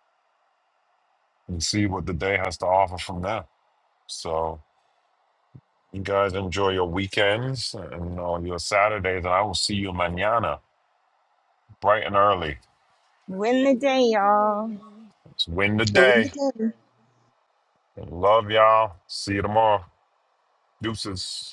A: and see what the day has to offer from there. So You guys enjoy your weekends and all your Saturdays, and I will see you mañana, bright and early.
B: Win the day, y'all.
A: Let's win the
C: Go in the
A: day.
C: game.
A: Love y'all. See you tomorrow. Deuces.